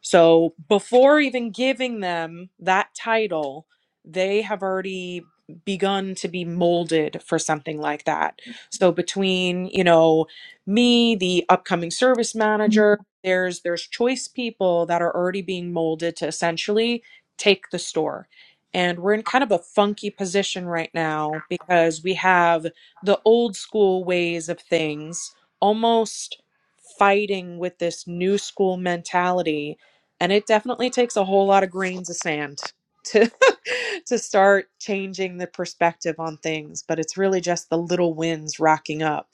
Speaker 8: so before even giving them that title, they have already begun to be molded for something like that. So between, you know, me, the upcoming service manager, there's there's choice people that are already being molded to essentially take the store. And we're in kind of a funky position right now because we have the old school ways of things almost fighting with this new school mentality and it definitely takes a whole lot of grains of sand to to start changing the perspective on things but it's really just the little wins racking up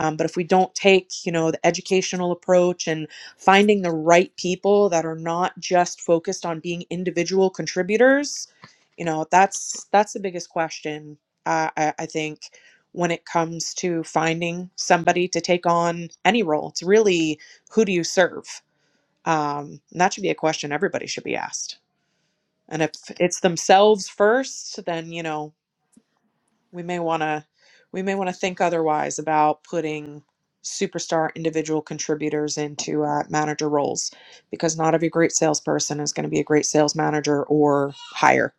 Speaker 8: um, but if we don't take you know the educational approach and finding the right people that are not just focused on being individual contributors you know that's that's the biggest question uh, I, I think when it comes to finding somebody to take on any role it's really who do you serve um, and that should be a question everybody should be asked. And if it's themselves first, then you know we may want to we may want to think otherwise about putting superstar individual contributors into uh, manager roles because not every great salesperson is going to be a great sales manager or higher.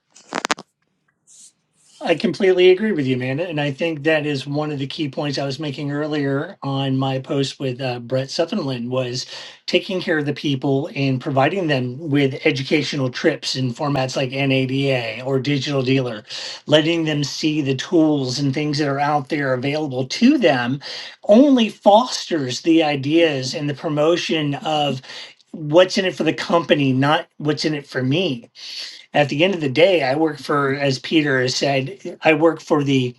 Speaker 2: I completely agree with you, Amanda. And I think that is one of the key points I was making earlier on my post with uh, Brett Sutherland was taking care of the people and providing them with educational trips in formats like NADA or Digital Dealer, letting them see the tools and things that are out there available to them only fosters the ideas and the promotion of what's in it for the company, not what's in it for me at the end of the day, I work for, as Peter has said, I work for the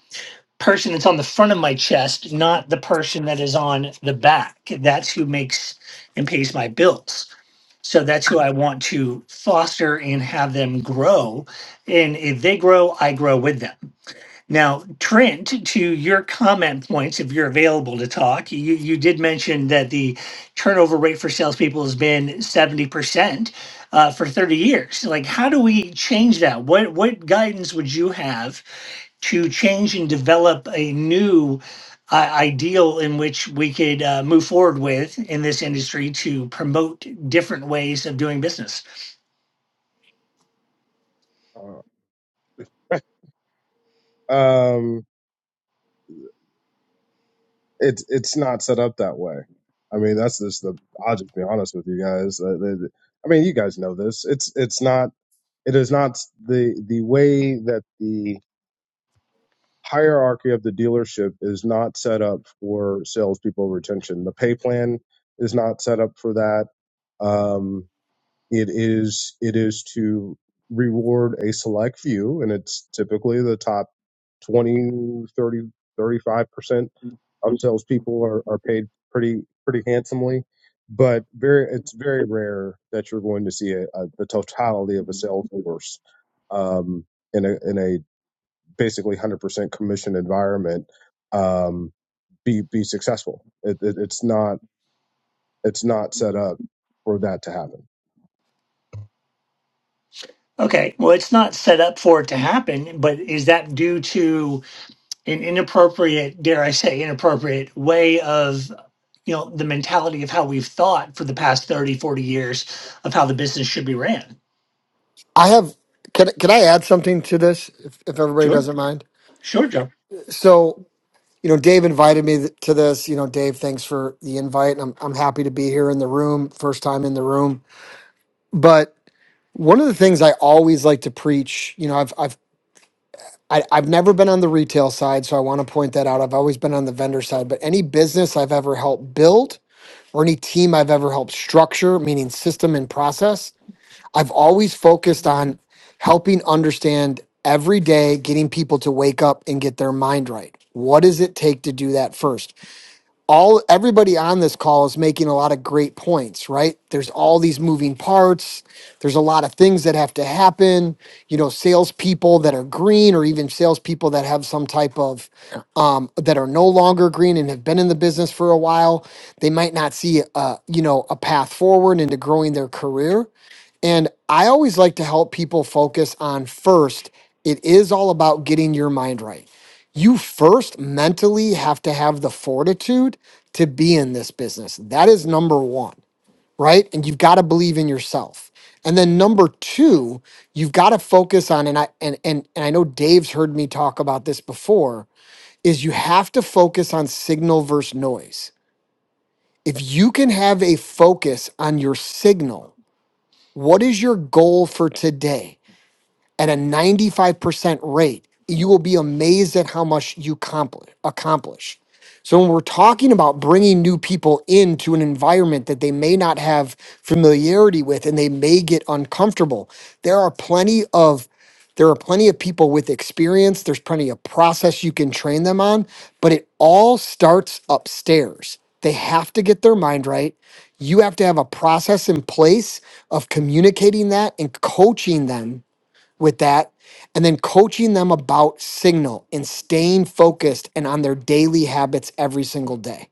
Speaker 2: person that's on the front of my chest, not the person that is on the back. That's who makes and pays my bills. So that's who I want to foster and have them grow. And if they grow, I grow with them. Now, Trent, to your comment points, if you're available to talk, you, you did mention that the turnover rate for salespeople has been 70% uh, for 30 years. Like, how do we change that? What, what guidance would you have to change and develop a new uh, ideal in which we could uh, move forward with in this industry to promote different ways of doing business?
Speaker 10: Uh, um, it's it's not set up that way. I mean, that's just the. I'll just be honest with you guys. Uh, the- the- I mean, you guys know this. It's it's not. It is not the the way that the hierarchy of the dealership is not set up for salespeople retention. The pay plan is not set up for that. Um, it is it is to reward a select few, and it's typically the top twenty, thirty, thirty-five percent Um, salespeople are, are paid pretty pretty handsomely, but very it's very rare that you're going to see a, a, the totality of a sales force um, in a in a basically 100% commission environment um, be be successful. It, it, it's not it's not set up for that to happen.
Speaker 2: Okay, well, it's not set up for it to happen, but is that due to an inappropriate, dare I say, inappropriate way of, you know, the mentality of how we've thought for the past 30, 40 years of how the business should be ran.
Speaker 11: I have can can I add something to this if, if everybody
Speaker 2: Sure.
Speaker 11: doesn't mind?
Speaker 2: Sure, Joe.
Speaker 11: So you know, Dave invited me th- to this. You know, Dave, thanks for the invite. and I'm I'm happy to be here in the room, first time in the room. But one of the things I always like to preach, you know, I've I've I, I've never been on the retail side, so I want to point that out. I've always been on the vendor side. But any business I've ever helped build or any team I've ever helped structure, meaning system and process, I've always focused on helping understand every day, getting people to wake up and get their mind right. What does it take to do that first? all everybody on this call is making a lot of great points, right? There's all these moving parts. There's a lot of things that have to happen. You know, salespeople that are green, or even salespeople that have some type of um, that are no longer green and have been in the business for a while. They might not see a you know a path forward into growing their career. And I always like to help people focus on first, it is all about getting your mind right you first mentally have to have the fortitude to be in this business. That is number one, right? And you've got to believe in yourself. And then number two, you've got to focus on, and I and, and and I know Dave's heard me talk about this before, is you have to focus on signal versus noise. If you can have a focus on your signal, what is your goal for today? at a 95% rate, you will be amazed at how much you compli- accomplish. So, when we're talking about bringing new people into an environment that they may not have familiarity with and they may get uncomfortable, there are plenty of there are plenty of people with experience. There's plenty of process you can train them on, but it all starts upstairs. They have to get their mind right. You have to have a process in place of communicating that and coaching them with that and then coaching them about signal and staying focused and on their daily habits every single day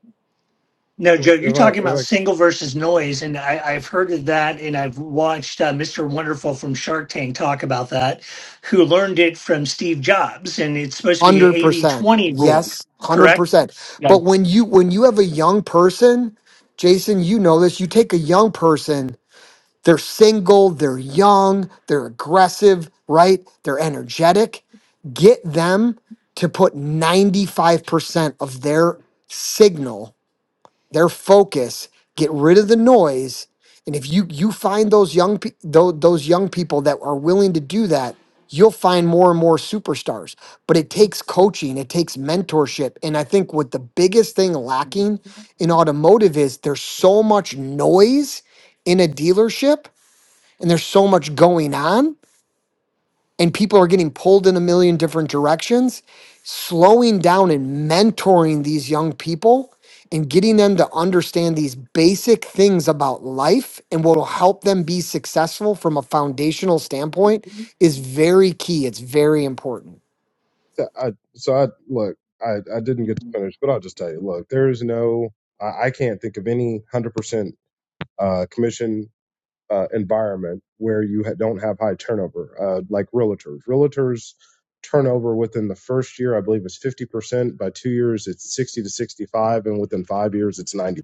Speaker 2: No,
Speaker 10: Well,
Speaker 2: Joe, you're
Speaker 10: If I
Speaker 2: talking about
Speaker 10: if
Speaker 2: single versus noise. And I, I've heard of that. And I've watched uh, Mr. Wonderful from Shark Tank talk about that, who learned it from Steve Jobs. And it's supposed to be an
Speaker 11: 100%
Speaker 2: eighty-twenty rule,
Speaker 11: yes
Speaker 2: correct?
Speaker 11: 100%
Speaker 2: Yeah.
Speaker 11: but when you when you have a young person jason you know this you take a young person they're single they're young they're aggressive right they're energetic get them to put 95% of their signal their focus, get rid of the noise, and if you you find those young pe- those, those young people that are willing to do that, you'll find more and more superstars. But it takes coaching, it takes mentorship, and I think what the biggest thing lacking in automotive is there's so much noise in a dealership and there's so much going on and people are getting pulled in a million different directions, slowing down and mentoring these young people and getting them to understand these basic things about life and what will help them be successful from a foundational standpoint is very key. It's very important.
Speaker 10: I, I so I look I, I didn't get to finish, but I'll just tell you. Look, there is no I, I can't think of any 100% uh, commission uh, environment where you ha- don't have high turnover, uh, like realtors. Realtors turnover within the first year, I believe, is 50%. By two years, it's 60 to 65, and within five years, it's 90%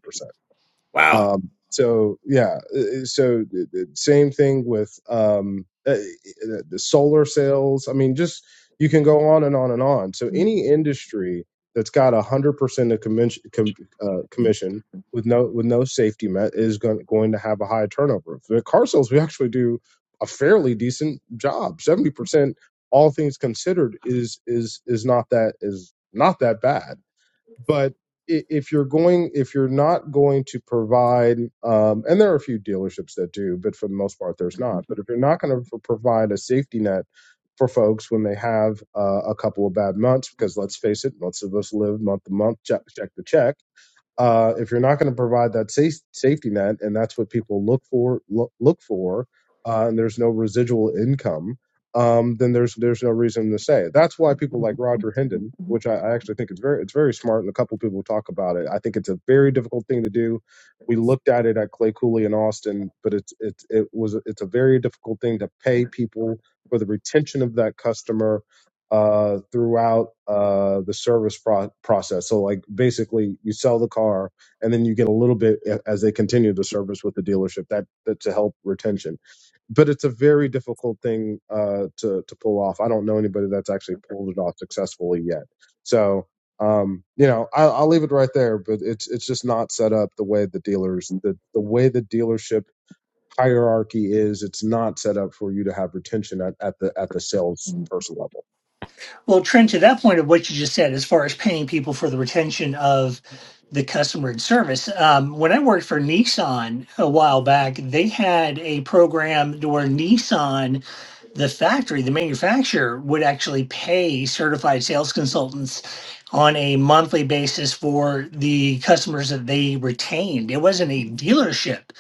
Speaker 9: Wow.
Speaker 10: um so yeah uh, so the the same thing with um uh, the the solar sales i mean just you can go on and on and on so any industry that's got a hundred percent of commission com, uh, commission with no with no safety net is going, going to have a high turnover for the car sales we actually do a fairly decent job 70 percent all things considered is is is not that is not that bad but i- if you're going if you're not going to provide um, and there are a few dealerships that do but for the most part there's not but if you're not going to provide a safety net for folks when they have uh, a couple of bad months because let's face it most of us live month to month check, check to check uh, if you're not going to provide that safe, safety net, and that's what people look for, look, look for, uh, and there's no residual income, um, then there's there's no reason to say. it. That's why people like Roger Hendon, which I, I actually think is very it's very smart, and a couple people talk about it. I think it's a very difficult thing to do. We looked at it at Clay Cooley in Austin, but it's it's it was it's a very difficult thing to pay people for the retention of that customer uh, throughout uh, the service pro- process. So, like, basically, you sell the car, and then you get a little bit as they continue the service with the dealership. That, that to help retention, but it's a very difficult thing uh, to to pull off. I don't know anybody that's actually pulled it off successfully yet. So, um, you know, I, I'll leave it right there. But it's it's just not set up the way the dealers the the way the dealership hierarchy is. It's not set up for you to have retention at, at the at the salesperson level.
Speaker 2: Well, Trent, to that point of what you just said, as far as paying people for the retention of the customer and service, um, when I worked for Nissan a while back, they had a program where Nissan, the factory, the manufacturer, would actually pay certified sales consultants on a monthly basis for the customers that they retained. It wasn't a dealership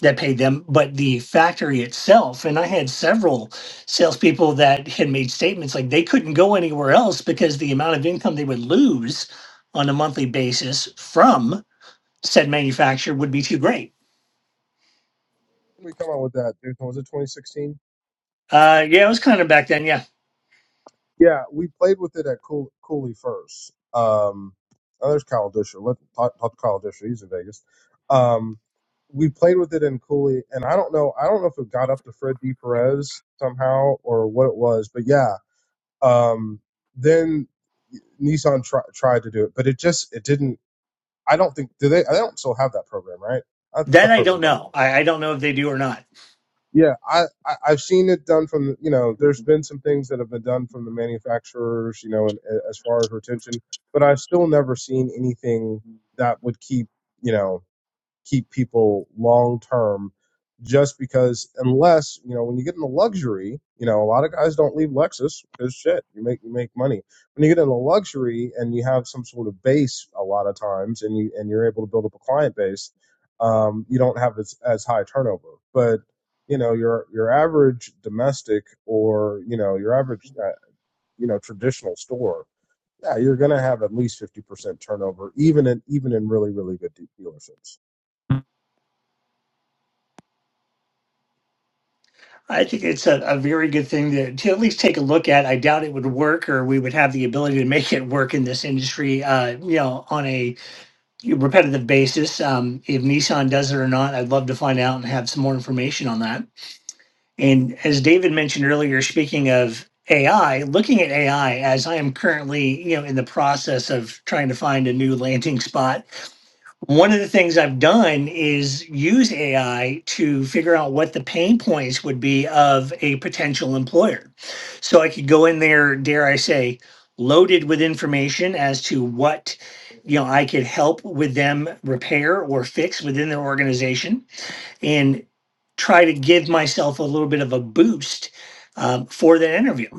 Speaker 2: that paid them, but the factory itself. And I had several salespeople that had made statements like they couldn't go anywhere else because the amount of income they would lose on a monthly basis from said manufacturer would be too great.
Speaker 10: When we come out with that, dude, was it 2016?
Speaker 2: Uh, yeah, it was kind of back then. Yeah,
Speaker 10: Yeah, we played with it at Cool, Cooley first. Um, oh, there's Kyle Disher. Let talk, talk to Kyle Disher. He's in Vegas. Um, we played with it in Cooley, and I don't know. I don't know if it got up to Fred D. Perez somehow or what it was, but yeah. Um, then Nissan try, tried to do it, but it just it didn't. I don't think do they. I don't still have that program, right? I,
Speaker 2: that
Speaker 10: that
Speaker 2: I
Speaker 10: program
Speaker 2: don't
Speaker 10: don't.
Speaker 2: know. I, I don't know if they do or not.
Speaker 10: Yeah, I, I I've seen it done from the- you know. There's been some things that have been done from the manufacturers, you know, and, as far as retention, but I've still never seen anything that would keep you know keep people long term just because unless you know when you get into luxury you know a lot of guys don't leave lexus because shit you make you make money when you get into luxury and you have some sort of base a lot of times and you and you're able to build up a client base um, you don't have as, as high turnover but you know your your average domestic or you know your average uh, you know traditional store yeah you're gonna have at least 50% turnover even in even in really really good de- dealerships
Speaker 2: I think it's a, a very good thing to, to at least take a look at. I doubt it would work, or we would have the ability to make it work in this industry. Uh, you know, on a repetitive basis. Um, if Nissan does it or not, I'd love to find out and have some more information on that And as David mentioned earlier, speaking of AI, looking at AI as I am currently, you know, in the process of trying to find a new landing spot. One of the things I've done is use AI to figure out what the pain points would be of a potential employer. So I could go in there, dare I say, loaded with information as to what, you know, I could help with them repair or fix within their organization. and try to give myself a little bit of a boost um, for that interview.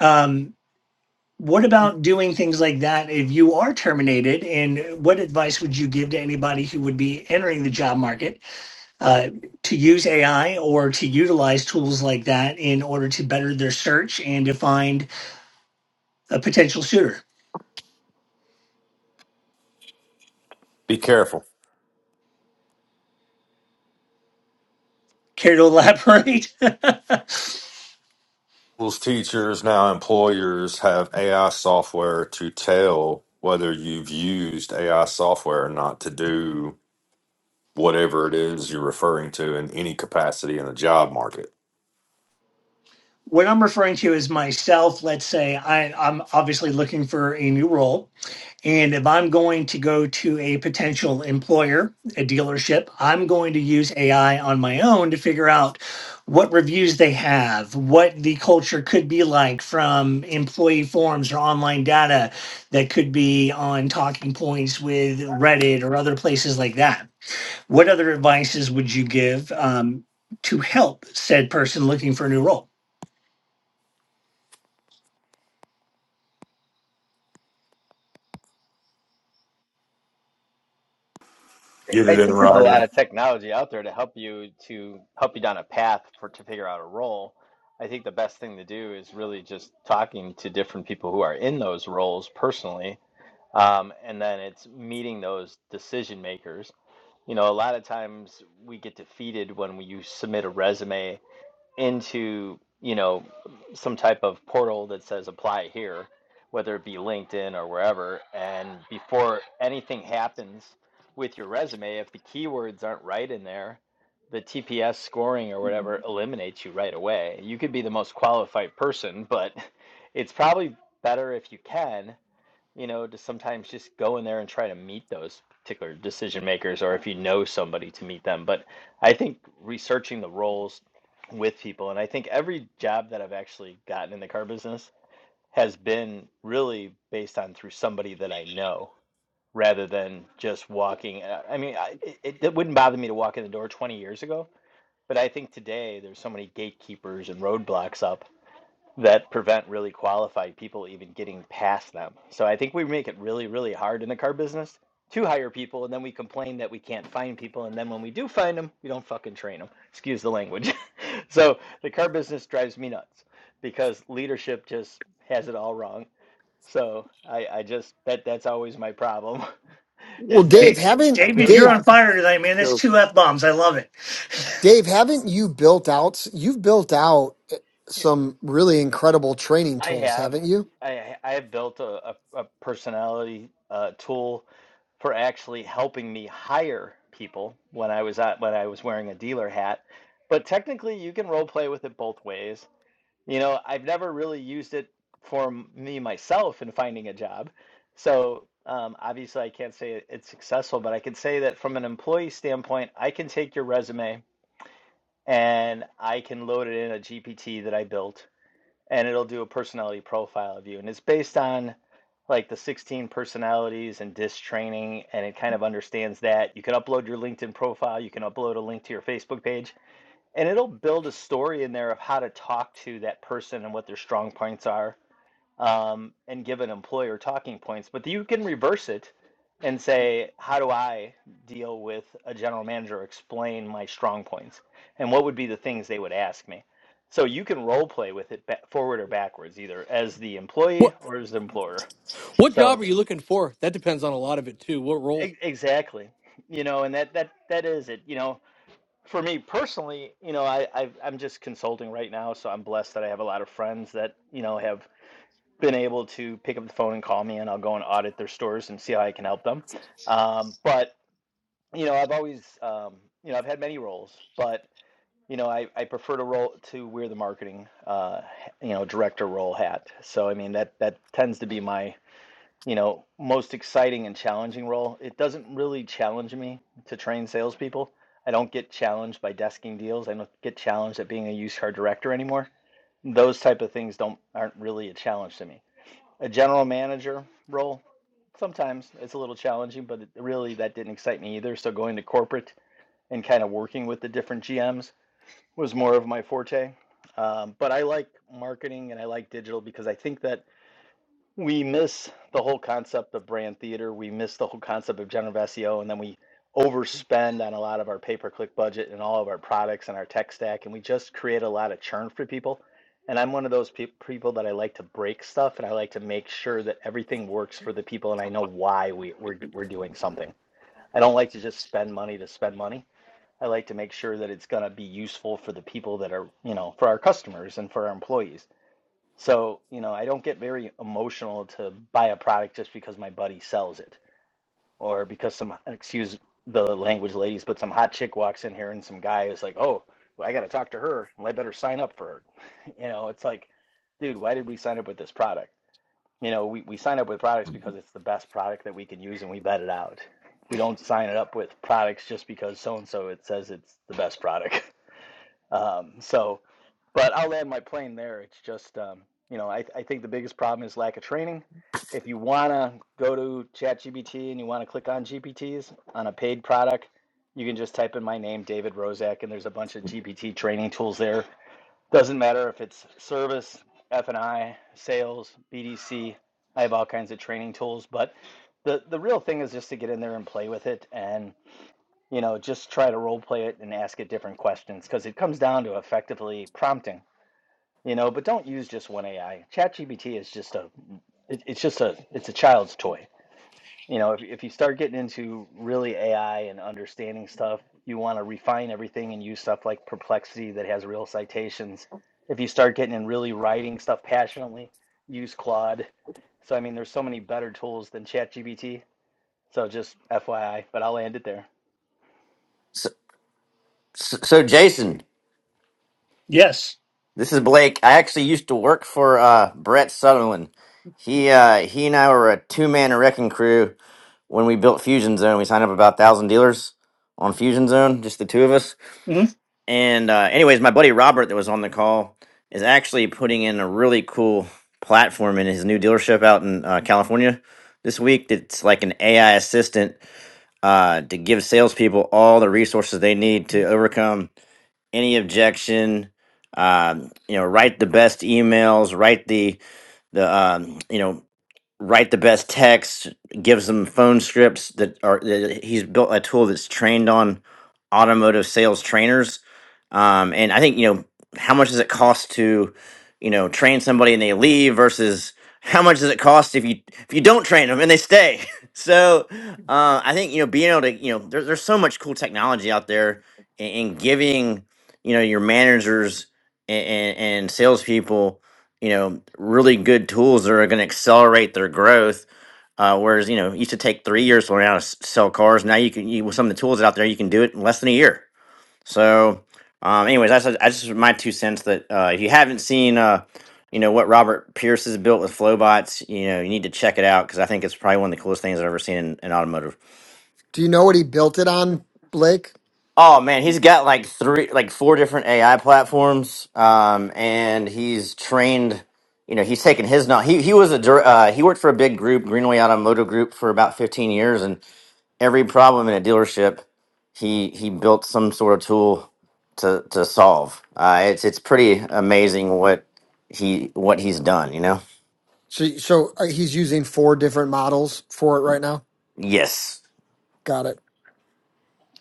Speaker 2: Um, what about doing things like that if you are terminated? And what advice would you give to anybody who would be entering the job market uh, to use AI or to utilize tools like that in order to better their search and to find a potential suitor?
Speaker 12: Be careful.
Speaker 2: Care to elaborate?
Speaker 12: Schools, teachers, now employers have AI software to tell whether you've used AI software or not to do whatever it is you're referring to in any capacity in the job market.
Speaker 2: what I'm referring to is myself. Let's say I, I'm obviously looking for a new role. And if I'm going to go to a potential employer, a dealership, I'm going to use AI on my own to figure out what reviews they have, what the culture could be like from employee forums or online data that could be on talking points with Reddit or other places like that. What other advices would you give um, to help said person looking for a new role?
Speaker 12: Get
Speaker 4: I
Speaker 12: it in
Speaker 4: think there's a
Speaker 12: writing.
Speaker 4: lot of technology out there to help you to help you down a path for to figure out a role. I think the best thing to do is really just talking to different people who are in those roles personally, um, and then it's meeting those decision makers. You know, a lot of times we get defeated when we, you submit a resume into, you know, some type of portal that says apply here, whether it be LinkedIn or wherever. And before anything happens with your resume, if the keywords aren't right in there, the TPS scoring or whatever eliminates you right away. You could be the most qualified person, but it's probably better if you can you know, to sometimes just go in there and try to meet those particular decision makers or if you know somebody to meet them. But I think researching the roles with people, and I think every job that I've actually gotten in the car business has been really based on through somebody that I know rather than just walking. uh, I mean, I, it, it wouldn't bother me to walk in the door 20 years ago, but I think today there's so many gatekeepers and roadblocks up that prevent really qualified people even getting past them. So I think we make it really, really hard in the car business to hire people, and then we complain that we can't find people, and then when we do find them, we don't fucking train them. Excuse the language. so the car business drives me nuts because leadership just has it all wrong. So I, I just that that's always my problem
Speaker 11: Well,
Speaker 4: is that
Speaker 2: Da-
Speaker 11: Dave, haven't
Speaker 4: I'm
Speaker 2: David,
Speaker 4: very
Speaker 2: you're
Speaker 11: Dave,
Speaker 2: on
Speaker 4: toxic.
Speaker 2: fire today, man. That's two F bombs. I love it.
Speaker 11: Dave, haven't you built out you've built out eh, some really incredible training
Speaker 4: I
Speaker 11: tools,
Speaker 4: have.
Speaker 11: haven't you?
Speaker 4: I I have built a, a, a personality uh, tool for actually helping me hire people when I was at when I was wearing a dealer hat. But technically, you can role play with it both ways. You know, I've never really used it for m- me myself in finding a job. So um, obviously, I can't say it- it's successful, but I can say that from an employee standpoint, I can take your resume and I can load it in a GPT that I built and it'll do a personality profile of you. And it's based on like the 16 personalities and disc training, and it kind of understands that. You can upload your LinkedIn profile, you can upload a link to your Facebook page, and it'll build a story in there of how to talk to that person and what their strong points are um, and give an employer talking points, but you can reverse it and say, how do I deal with a general manager? Explain my strong points and what would be the things they would ask me. So you can role play with it ba- forward or backwards, either as the employee
Speaker 13: What
Speaker 4: or as the employer.
Speaker 13: what job are
Speaker 4: So
Speaker 13: you looking for? That depends on a lot of it too. What role?
Speaker 4: e- exactly, you know, and that that that is it. You know, for me personally, you know, I I've, I'm just consulting right now, so I'm blessed that I have a lot of friends that you know have been able to pick up the phone and call me, and I'll go and audit their stores and see how I can help them. Um, but you know, I've always, um, you know, I've had many roles, but you know, I, I prefer to roll to wear the marketing, uh, you know, director role hat. So I mean, that that tends to be my you know most exciting and challenging role. It doesn't really challenge me to train salespeople. I don't get challenged by desking deals. I don't get challenged at being a used car director anymore. Those type of things don't aren't really a challenge to me a general manager role. Sometimes it's a little challenging, but it, really that didn't excite me either. So going to corporate and kind of working with the different GMs was more of my forte. Um, but I like marketing and I like digital because I think that we miss the whole concept of brand theater. We miss the whole concept of generative SEO, and then we overspend on a lot of our pay per click budget and all of our products and our tech stack, and we just create a lot of churn for people. And I'm one of those peop people that I like to break stuff, and I like to make sure that everything works for the people, and I know why we, we're we're doing something. I don't like to just spend money to spend money. I like to make sure that it's going to be useful for the people that are, you know, for our customers and for our employees. So, you know, I don't get very emotional to buy a product just because my buddy sells it or because some, excuse the language, ladies, but some hot chick walks in here and some guy is like, oh, well, I got to talk to her. Well, I better sign up for her. You know, it's like, dude, why did we sign up with this product? You know, we, we sign up with products because it's the best product that we can use and we vet it out. We don't sign it up with products just because so and so it says it's the best product. Um, so, but I'll land my plane there. It's just, um, you know, I, I think the biggest problem is lack of training. If you want to go to ChatGPT and you want to click on GPTs on a paid product, you can just type in my name, David Rozek, and there's a bunch of GPT training tools there. Doesn't matter if it's service, F&I, sales, BDC. I have all kinds of training tools, but the the real thing is just to get in there and play with it and you know just try to role play it and ask it different questions because it comes down to effectively prompting you know but don't use just one ai ChatGPT is just a it, it's just a it's a child's toy you know if, if you start getting into really ai and understanding stuff you want to refine everything and use stuff like perplexity that has real citations if you start getting in really writing stuff passionately use claude so i mean there's so many better tools than ChatGPT so just fyi but i'll end it there
Speaker 9: So, so, so Jason,
Speaker 2: Yes.
Speaker 9: this is Blake. I actually used to work for uh, Brett Sutherland. He uh, he and I were a two man wrecking crew when we built Fusion Zone. We signed up about thousand dealers on Fusion Zone, just the two of us.
Speaker 2: hmm
Speaker 9: And uh, anyways, my buddy Robert that was on the call is actually putting in a really cool platform in his new dealership out in uh, California this week. That's like an AI assistant uh, to give salespeople all the resources they need to overcome any objection. Um, you know, write the best emails, write the the um, you know write the best text, gives them phone scripts that are that he's built a tool that's trained on automotive sales trainers. Um, and I think, you know, how much does it cost to, you know, train somebody and they leave versus how much does it cost if you if you don't train them and they stay? so uh, I think, you know, being able to, you know, there, there's so much cool technology out there and, and giving, you know, your managers and, and, and salespeople you know, really good tools that are going to accelerate their growth. Uh, whereas, you know, it used to take three years for learn how to s- sell cars. Now you can, you, with some of the tools out there, you can do it in less than a year. So, um, anyways, that's, that's just my two cents that uh, if you haven't seen, uh, you know, what Robert Pierce has built with Flowbots, you know, you need to check it out because I think it's probably one of the coolest things I've ever seen in, in automotive.
Speaker 11: Do you know what he built it on, Blake?
Speaker 9: Oh man, he's got like three, like four different AI platforms, um, and he's trained. You know, he's taken his knowledge. He he was a dir- uh, he worked for a big group, Greenway Automotive Group, for about fifteen years, and every problem in a dealership, he he built some sort of tool to to solve. Uh, it's it's pretty amazing what he what he's done. You know.
Speaker 11: So, so uh, he's using four different models for it right now.
Speaker 9: Yes.
Speaker 11: Got it.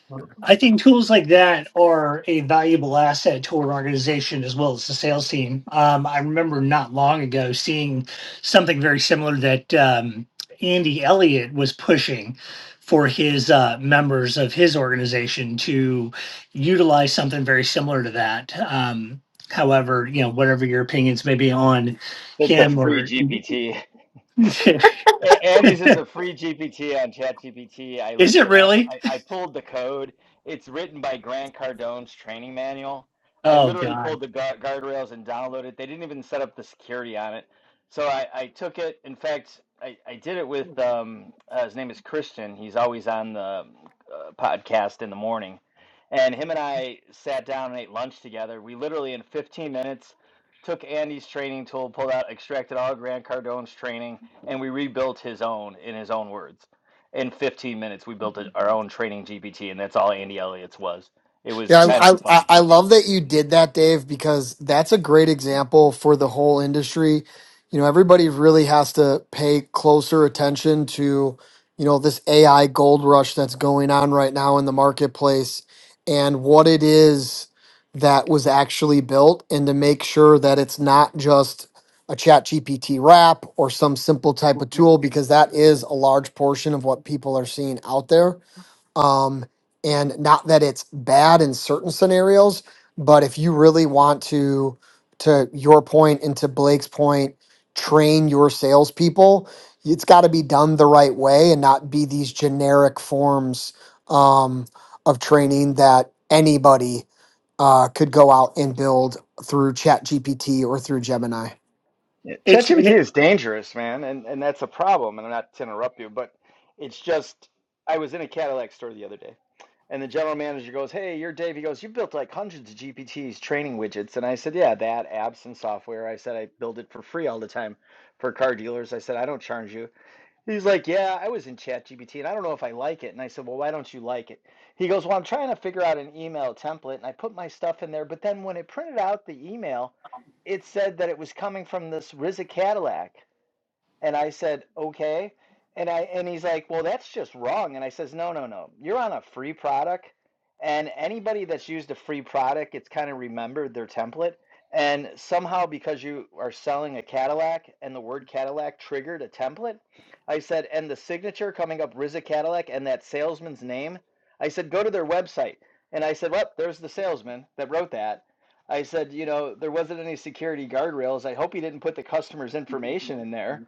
Speaker 4: So
Speaker 2: I think tools like that are a valuable asset to an organization as well as the sales team. Um, I remember not long ago seeing something very similar that um, Andy Elliott was pushing for his uh, members of his organization to utilize something very similar to that. Um, however, you know, whatever your opinions may be on
Speaker 4: it's a
Speaker 2: him
Speaker 4: free
Speaker 2: or
Speaker 4: gpt
Speaker 2: is
Speaker 4: A- Andy's is a free GPT on ChatGPT. I looked
Speaker 2: it
Speaker 4: it up.
Speaker 2: really?
Speaker 4: I, I pulled the code. It's written by Grant Cardone's training manual. I
Speaker 2: Oh
Speaker 4: literally
Speaker 2: God.
Speaker 4: pulled the guard, guardrails and downloaded it. They didn't even set up the security on it. So I, I took it. In fact, I, I did it with um, uh, his name is Christian. He's always on the uh, podcast in the morning. And him and I sat down and ate lunch together. We literally, in 15 minutes, took Andy's training tool, pulled out, extracted all Grant Cardone's training and we rebuilt his own in his own words. In 15 minutes, we built our own training GPT, and that's all Andy Elliott's was. It was
Speaker 11: Yeah,
Speaker 4: kind
Speaker 11: I, I
Speaker 4: of
Speaker 11: I
Speaker 4: funny.
Speaker 11: love that you did that, Dave, because that's a great example for the whole industry. You know, everybody really has to pay closer attention to, you know, this AI gold rush that's going on right now in the marketplace and what it is that was actually built and to make sure that it's not just a chat GPT wrap or some simple type of tool because that is a large portion of what people are seeing out there um, and not that it's bad in certain scenarios, but if you really want to, to your point and to Blake's point, train your salespeople, it's got to be done the right way and not be these generic forms um, of training that anybody uh, could go out and build through Chat GPT or through Gemini.
Speaker 4: Yeah,
Speaker 2: It's and
Speaker 4: ChatGPT
Speaker 2: it,
Speaker 4: is dangerous, man, and and that's a problem. And I'm not to interrupt you, but it's just I was in a Cadillac store the other day, and the general manager goes, "Hey, you're Dave." He goes, "You built like hundreds of GPTs training widgets," and I said, "Yeah, that apps and software." I said, "I build it for free all the time for car dealers." I said, "I don't charge you." He's like, yeah, I was in ChatGPT and I don't know if I like it. And I said, well, why don't you like it? He goes, well, I'm trying to figure out an email template and I put my stuff in there. But then when it printed out the email, it said that it was coming from this RZA Cadillac. And I said, okay. And I and he's like, well, that's just wrong. And I says, no, no, no. You're on a free product, and anybody that's used a free product, it's kind of remembered their template. And somehow, because you are selling a Cadillac and the word Cadillac triggered a template, I said, and the signature coming up RZA Cadillac and that salesman's name, I said, go to their website. And I said, well, there's the salesman that wrote that. I said, you know, there wasn't any security guardrails. I hope he didn't put the customer's information in there.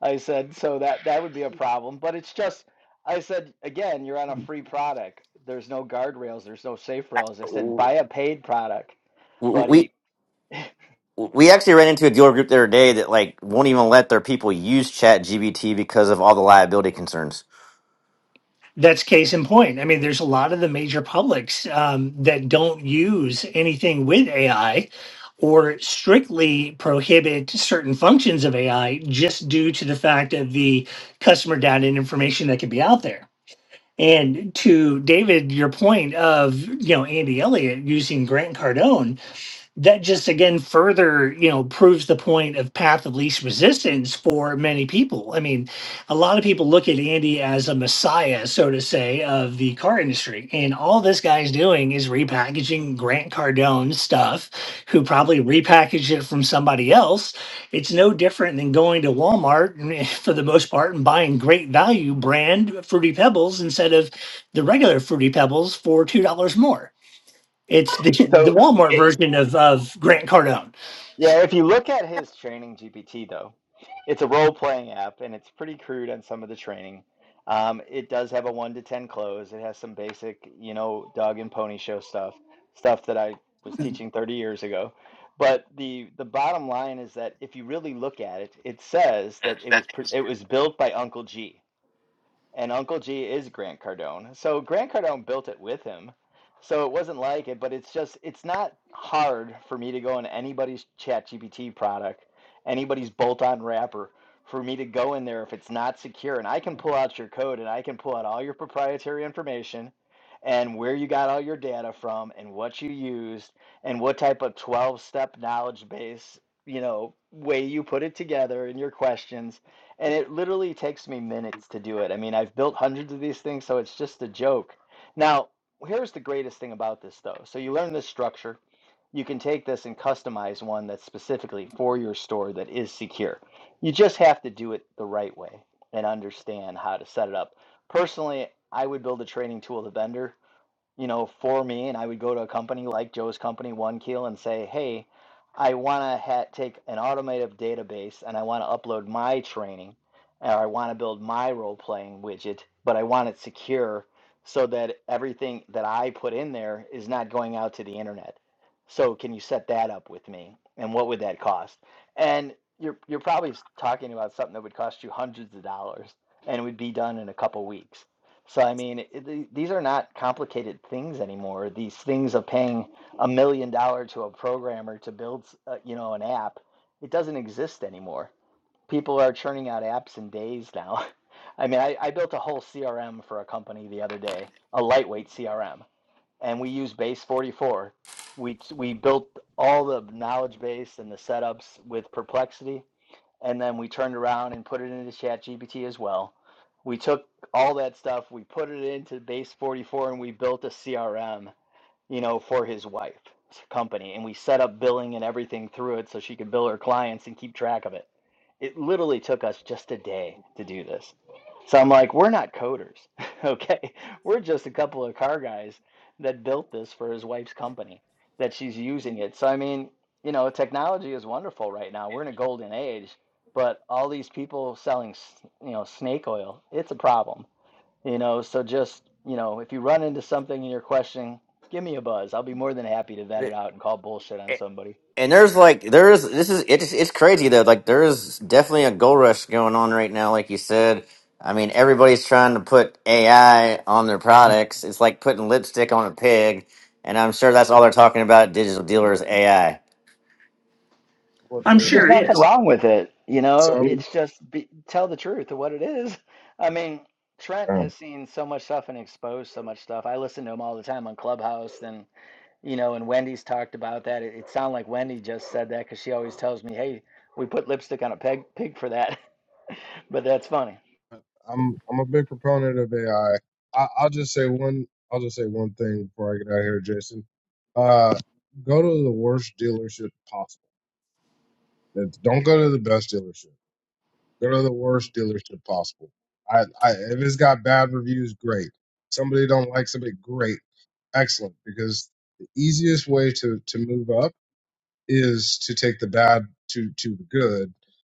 Speaker 4: I said, so that that would be a problem. But it's just, I said, again, you're on a free product. There's no guardrails. There's no safe rails. I said, buy a paid product,
Speaker 9: we.
Speaker 4: buddy.
Speaker 9: we actually ran into a dealer group the other day that like won't even let their people use chat gbt because of all the liability concerns
Speaker 2: That's case in point. I mean, there's a lot of the major publics um, that don't use anything with AI or strictly prohibit certain functions of AI just due to the fact of the customer data and information that can be out there. And to David, your point of, you know, Andy Elliott using Grant Cardone that just again further you know proves the point of path of least resistance for many people i mean a lot of people look at andy as a messiah so to say of the car industry and all this guy's doing is repackaging grant cardone stuff who probably repackaged it from somebody else it's no different than going to walmart and, for the most part and buying great value brand fruity pebbles instead of the regular fruity pebbles for two dollars more it's the the
Speaker 4: So,
Speaker 2: Walmart
Speaker 4: it,
Speaker 2: version of of Grant Cardone.
Speaker 4: yeah, if you look at his training GPT though. It's a role playing app and it's pretty crude on some of the training. Um, it does have a one to ten close. It has some basic, you know, dog and pony show stuff, stuff that I was teaching 30 years ago. But the the bottom line is that if you really look at it, it says that it
Speaker 9: That
Speaker 4: was pr-
Speaker 9: was-
Speaker 4: it was built by Uncle G. And Uncle G is Grant Cardone. So Grant Cardone built it with him. So it wasn't like it, but it's just it's not hard for me to go in anybody's ChatGPT product, anybody's bolt-on wrapper, for me to go in there if it's not secure. And I can pull out your code and I can pull out all your proprietary information and where you got all your data from and what you used and what type of 12-step knowledge base, you know, way you put it together in your questions and it literally takes me minutes to do it. I mean, I've built hundreds of these things, so it's just a joke. Now, here's the greatest thing about this, though. So you learn this structure. You can take this and customize one that's specifically for your store that is secure. You just have to do it the right way and understand how to set it up. Personally, I would build a training tool to vendor you know, for me, and I would go to a company like Joe's company, One Keel, and say, "Hey, I want to ha- take an automated database and I want to upload my training, or I want to build my role playing widget, but I want it secure so that everything that I put in there is not going out to the internet. So can you set that up with me? And what would that cost?" And you're you're probably s- talking about something that would cost you hundreds of dollars and would be done in a couple weeks so I mean, it, the- these are not complicated things anymore. These things of paying a million dollar to a programmer to build, uh, you know, an app, it doesn't exist anymore. People are churning out apps in days now. I mean, I, I built a whole CRM for a company the other day, a lightweight CRM, and we use Base 44. We we built all the knowledge base and the setups with Perplexity, and then we turned around and put it into ChatGPT as well. We took all that stuff, we put it into Base 44, and we built a CRM you know, for his wife's company. And we set up billing and everything through it so she could bill her clients and keep track of it. It literally took us just a day to do this. So I'm like, we're not coders, okay? We're just a couple of car guys that built this for his wife's company that she's using it. So, I mean, you know, technology is wonderful right now. We're in a golden age, but all these people selling, you know, snake oil, it's a problem you know, so just, you know, if you run into something and you're questioning, give me a buzz. I'll be more than happy to vet it out and call bullshit on somebody.
Speaker 9: and there's like there is this is it's it's crazy though like there is definitely a gold rush going on right now like you said i mean everybody's trying to put ai on their products it's like putting lipstick on a pig and i'm sure that's all they're talking about digital dealers ai
Speaker 2: I'm
Speaker 4: There's
Speaker 2: sure it
Speaker 4: nothing
Speaker 2: is.
Speaker 4: wrong with it. You
Speaker 10: So
Speaker 4: know,
Speaker 10: I'm
Speaker 4: it's just be, tell the truth of what it is. I mean, Trent has
Speaker 10: uh,
Speaker 4: seen so much stuff and exposed so much stuff. I listen to him all the time on Clubhouse and, you know, and Wendy's talked about that. It, it sounded like Wendy just said that because she always tells me, hey, we put lipstick on a peg, pig for that. but that's funny.
Speaker 10: I'm I'm a big proponent of AI. I, will just say one. I'll just say one thing before I get out of here, Jason. Uh, go to the worst dealership possible. That's- Don't go to the best dealership. Go to the worst dealership possible. I, I if it's got bad reviews, great. Somebody don't like somebody, great, excellent. Because the easiest way to to move up is to take the bad to to the good,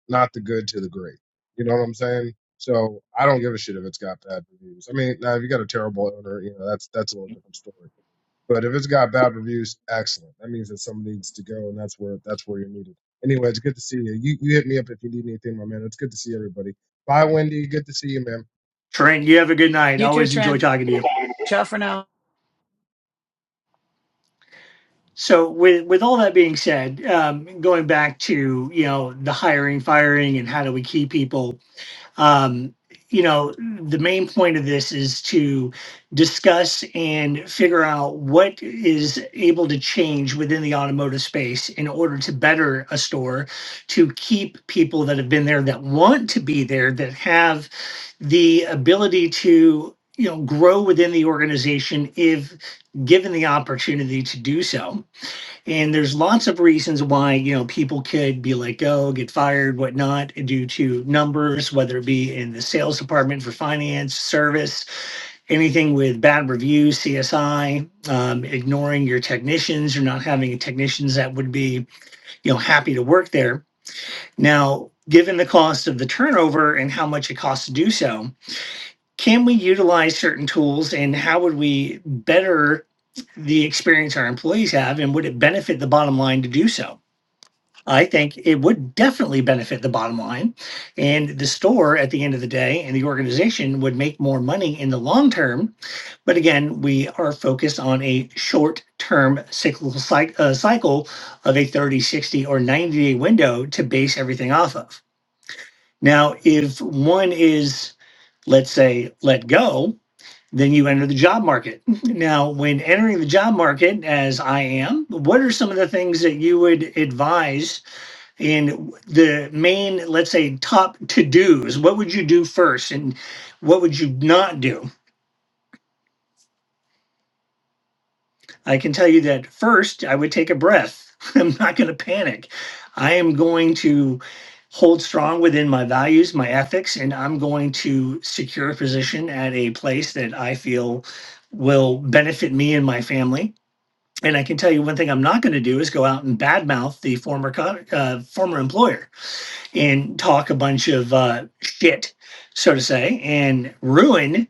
Speaker 10: not the good to the great. You know what I'm saying? So I don't give a shit if it's got bad reviews. I mean, now if you got a terrible owner, you know that's that's a little different story. But if it's got bad reviews, excellent. That means that someone needs to go, and that's where that's where you're needed. Anyway, it's good to see you. You you hit me up if you need anything, my man. It's good to see everybody. Bye, Wendy. Good to see you, man.
Speaker 2: Trent, you have a good night.
Speaker 5: You too,
Speaker 2: Always enjoy
Speaker 5: Trent.
Speaker 2: talking to you.
Speaker 5: Ciao for now.
Speaker 2: So, with with all that being said, um, going back to you know the hiring, firing, and how do we keep people? Um, you know, the main point of this is to discuss and figure out what is able to change within the automotive space in order to better a store, to keep people that have been there that want to be there, that have the ability to you know grow within the organization if given the opportunity to do so and there's lots of reasons why, you know, people could be let go, get fired, whatnot, due to numbers, whether it be in the sales department for finance, service, anything with bad reviews, CSI, um, ignoring your technicians or not having technicians that would be, you know, happy to work there. Now, given the cost of the turnover and how much it costs to do so, can we utilize certain tools and how would we better the experience our employees have and would it benefit the bottom line to do so i think it would definitely benefit the bottom line and the store at the end of the day and the organization would make more money in the long term but again we are focused on a short term cyclical cyc- uh, cycle of a 30, 60, or 90 day window to base everything off of now if one is let's say let go then you enter the job market. Now, when entering the job market, as I am, what are some of the things that you would advise in the main, let's say, top to dos? What would you do first and what would you not do? I can tell you that first, I would take a breath. I'm not going to panic. I am going to hold strong within my values, my ethics, and I'm going to secure a position at a place that I feel will benefit me and my family And I can tell you one thing I'm not going to do is go out and badmouth the former co- uh, former employer and talk a bunch of uh, shit, so to say, and ruin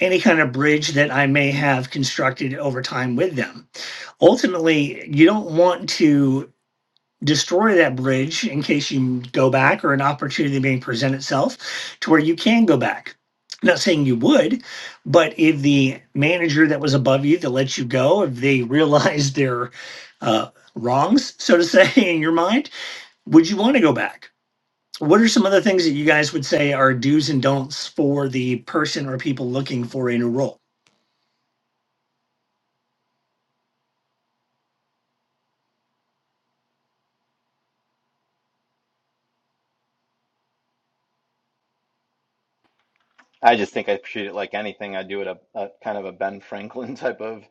Speaker 2: any kind of bridge that I may have constructed over time with them. Ultimately, you don't want to destroy that bridge in case you go back or an opportunity may present itself to where you can go back. Not saying you would, but if the manager that was above you that let you go, if they realized their uh, wrongs, so to say, in your mind, would you want to go back? What are some other things that you guys would say are do's and don'ts for the person or people looking for a new role?
Speaker 4: I just think I treat it like anything. I do it a, a kind of a Ben Franklin type of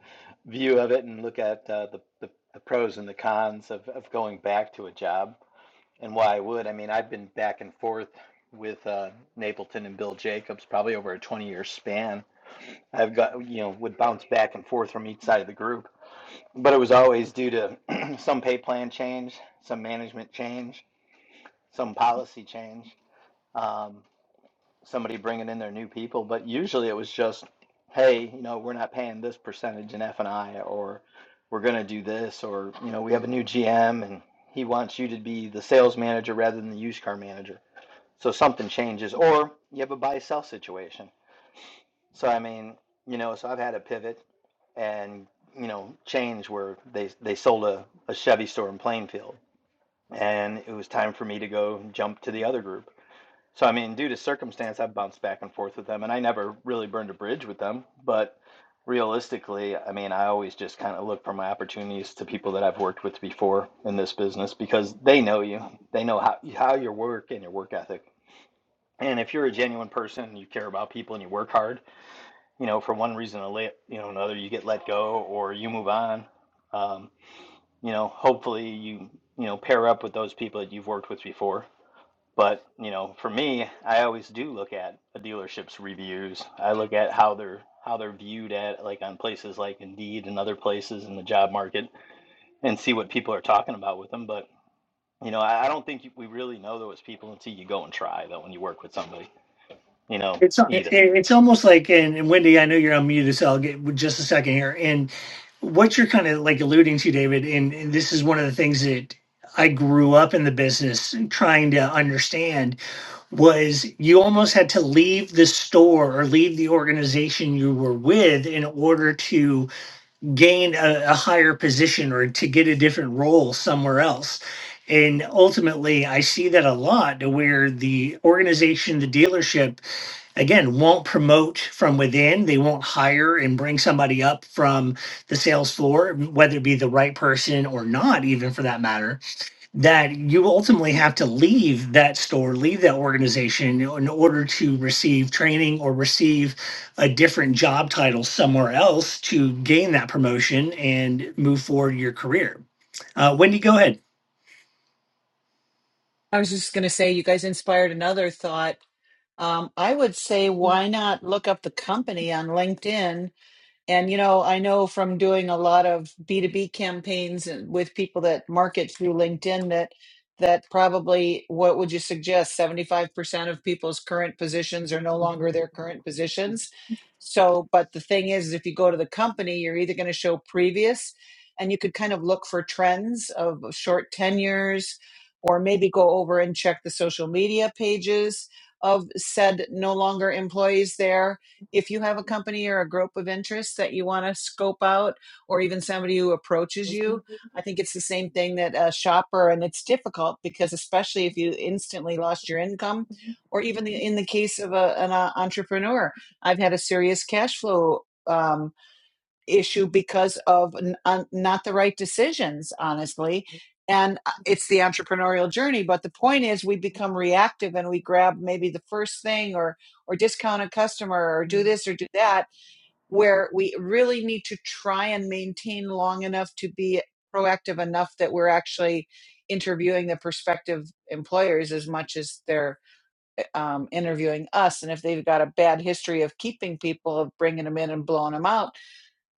Speaker 4: view of it and look at uh, the, the the pros and the cons of of going back to a job and why I would. I mean, I've been back and forth with uh, Napleton and Bill Jacobs probably over a 20 year span. I've got you know would bounce back and forth from each side of the group, but it was always due to some pay plan change, some management change, some policy change. Um, somebody bringing in their new people, but usually it was just, hey, you know, we're not paying this percentage in F and I, or we're going to do this, or you know, we have a new GM and he wants you to be the sales manager rather than the used car manager. So something changes, or you have a buy sell situation. So I mean, you know, so I've had a pivot and you know change where they they sold a, a Chevy store in Plainfield, and it was time for me to go jump to the other group so I mean, due to circumstance, I've bounced back and forth with them, and I never really burned a bridge with them. But realistically, I mean, I always just kind of look for my opportunities to people that I've worked with before in this business because they know you, they know how how your work and your work ethic. And if you're a genuine person, you care about people and you work hard, you know, for one reason or la- you know another, you get let go or you move on. Um, you know, hopefully you you know pair up with those people that you've worked with before but, you know, for me, I always do look at a dealership's reviews. I look at how they're how they're viewed at like on places like Indeed and other places in the job market and see what people are talking about with them. But, you know, I, I don't think we really know those people until you go and try though when you work with somebody, you know,
Speaker 2: It's
Speaker 4: either.
Speaker 2: it's almost like and, and Wendy, I know you're unmuted, so I'll get just a second here. And what you're kind of like alluding to, David, and, and this is one of the things that I grew up in the business trying to understand was you almost had to leave the store or leave the organization you were with in order to gain a, a higher position or to get a different role somewhere else. And ultimately, I see that a lot to where the organization, the dealership, again, won't promote from within. They won't hire and bring somebody up from the sales floor, whether it be the right person or not, even for that matter that you ultimately have to leave that store, leave that organization in order to receive training or receive a different job title somewhere else to gain that promotion and move forward your career. Uh, Wendy, go ahead.
Speaker 5: I was just going to say, you guys inspired another thought. Um, I would say, why not look up the company on LinkedIn And you know, I know from doing a lot of B2B campaigns and with people that market through LinkedIn that that probably what would you suggest 75% of people's current positions are no longer their current positions. So, but the thing is is if you go to the company, you're either going to show previous and you could kind of look for trends of short tenures or maybe go over and check the social media pages of said no longer employees there if you have a company or a group of interests that you want to scope out, or even somebody who approaches you, I think it's the same thing that a shopper, and it's difficult because especially if you instantly lost your income, or even the, in the case of a, an uh, entrepreneur, I've had a serious cash flow. Um, issue because of n- un- not the right decisions, honestly. And uh, it's the entrepreneurial journey. But the point is, we become reactive and we grab maybe the first thing or or discount a customer or do this or do that, where we really need to try and maintain long enough to be proactive enough that we're actually interviewing the prospective employers as much as they're uh, um, interviewing us. And if they've got a bad history of keeping people, of bringing them in and blowing them out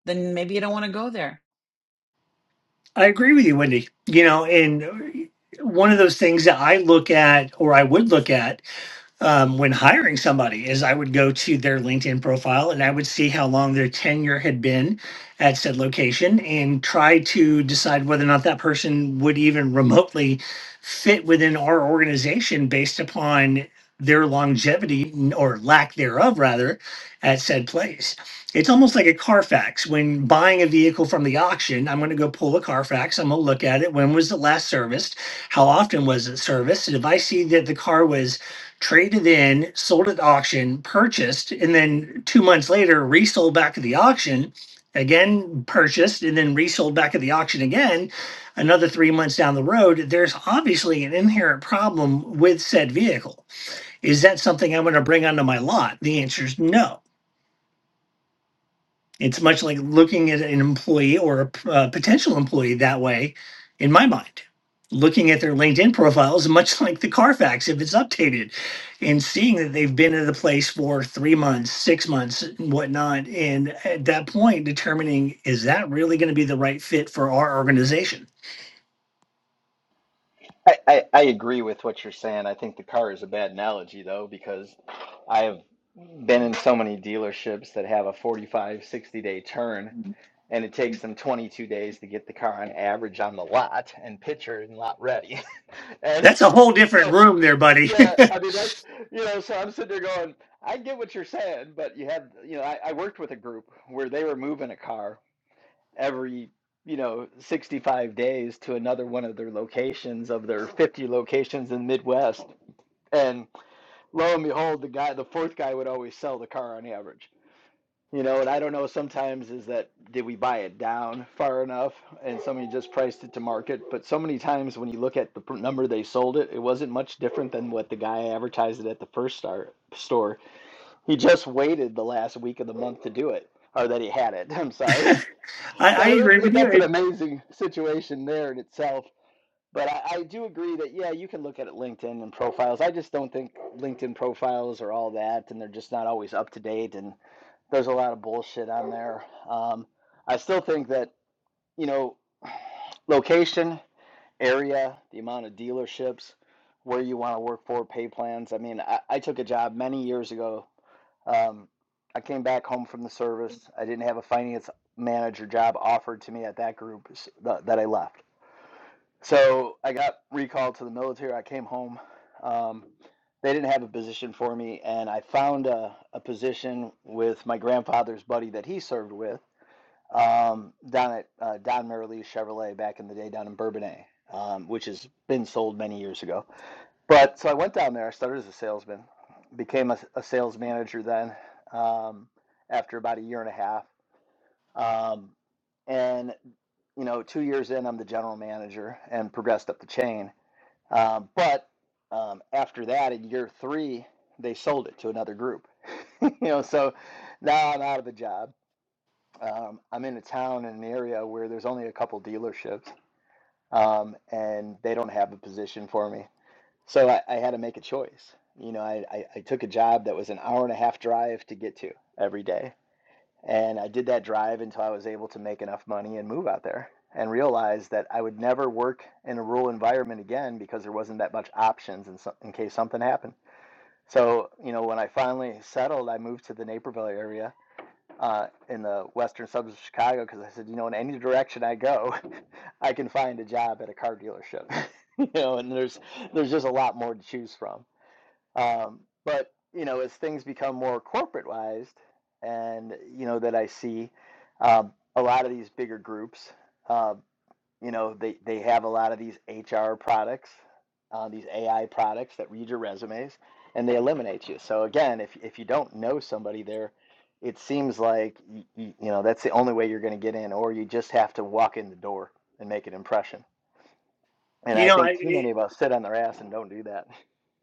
Speaker 5: then maybe you don't want to go there.
Speaker 2: I agree with you, Wendy. You know, and one of those things that I look at or I would look at um, when hiring somebody is I would go to their LinkedIn profile and I would see how long their tenure had been at said location and try to decide whether or not that person would even remotely fit within our organization based upon their longevity n- or lack thereof rather at said place. It's almost like a Carfax. When buying a vehicle from the auction, I'm going to go pull a Carfax, I'm going to look at it, when was it last serviced, how often was it serviced, and if I see that the car was traded in, sold at auction, purchased, and then two months later resold back at the auction, again purchased, and then resold back at the auction again, another three months down the road, there's obviously an inherent problem with said vehicle. Is that something I'm going to bring onto my lot? The answer is no. It's much like looking at an employee or a p- uh, potential employee that way, in my mind. Looking at their LinkedIn profiles, much like the Carfax if it's updated, and seeing that they've been at the place for three months, six months, and whatnot. And at that point, determining is that really going to be the right fit for our organization?
Speaker 4: I, I, I agree with what you're saying. I think the car is a bad analogy, though, because I have been in so many dealerships that have a 45, 60 day turn. and it takes them 22 days to get the car on average on the lot and picture and lot ready. and
Speaker 2: That's a whole different
Speaker 4: so,
Speaker 2: room, there, buddy.
Speaker 4: yeah, I mean, that's, you know, so I'm sitting there going, I get what you're saying, but you have, you know, I, I worked with a group where they were moving a car every, you know, 65 days to another one of their locations of their 50 locations in the Midwest. And lo and behold, the guy, the fourth guy would always sell the car on average you know, and I don't know sometimes is that did we buy it down far enough and somebody just priced it to market? But so many times when you look at the pr- number they sold it, it wasn't much different than what the guy advertised it at the first star, store. He just waited the last week of the month to do it, or that he had it. I'm sorry.
Speaker 2: I,
Speaker 4: So
Speaker 2: I
Speaker 4: it,
Speaker 2: agree
Speaker 4: it,
Speaker 2: with you.
Speaker 4: that's an
Speaker 2: It,
Speaker 4: amazing situation there in itself. But I, I do agree that, yeah, you can look at it LinkedIn and profiles. I just don't think LinkedIn profiles are all that, and they're just not always up to date. And there's a lot of bullshit on there. Um, I still think that you know location, area, the amount of dealerships, where you want to work for, pay plans. I mean, I, I took a job many years ago. Um, I came back home from the service. I didn't have a finance manager job offered to me at that group that I left. So I got recalled to the military. I came home. Um, they didn't have a position for me, and I found a, a position with my grandfather's buddy that he served with um, down at uh, Don Merrily Chevrolet back in the day down in Bourbonnais, um, which has been sold many years ago. But so I went down there. I started as a salesman, became a, a sales manager then um, after about a year and a half. Um, and you know, two years in, I'm the general manager and progressed up the chain. Um, but um, after that, in year three, they sold it to another group. you know, so now I'm out of a job um, I'm in a town in an area where there's only a couple dealerships, um, and they don't have a position for me. So I, I had to make a choice. You know, I, I, I took a job that was an hour and a half drive to get to every day. And I did that drive until I was able to make enough money and move out there and realize that I would never work in a rural environment again because there wasn't that much options in, so, in case something happened. So, you know, when I finally settled, I moved to the Naperville area uh, in the western suburbs of Chicago because I said, you know, in any direction I go, I can find a job at a car dealership. you know, and there's there's just a lot more to choose from. Um, but you know, as things become more corporatized, and you know that I see um, a lot of these bigger groups. um you know, they, they have a lot of these HR products, uh, these AI products that read your resumes and they eliminate you. So again, if, if you don't know somebody there, it seems like you, you, you know that's the only way you're going to get in, or you just have to walk in the door and make an impression. And
Speaker 2: you
Speaker 4: I
Speaker 2: know,
Speaker 4: think too
Speaker 2: I,
Speaker 4: many of us sit on their ass and don't do that.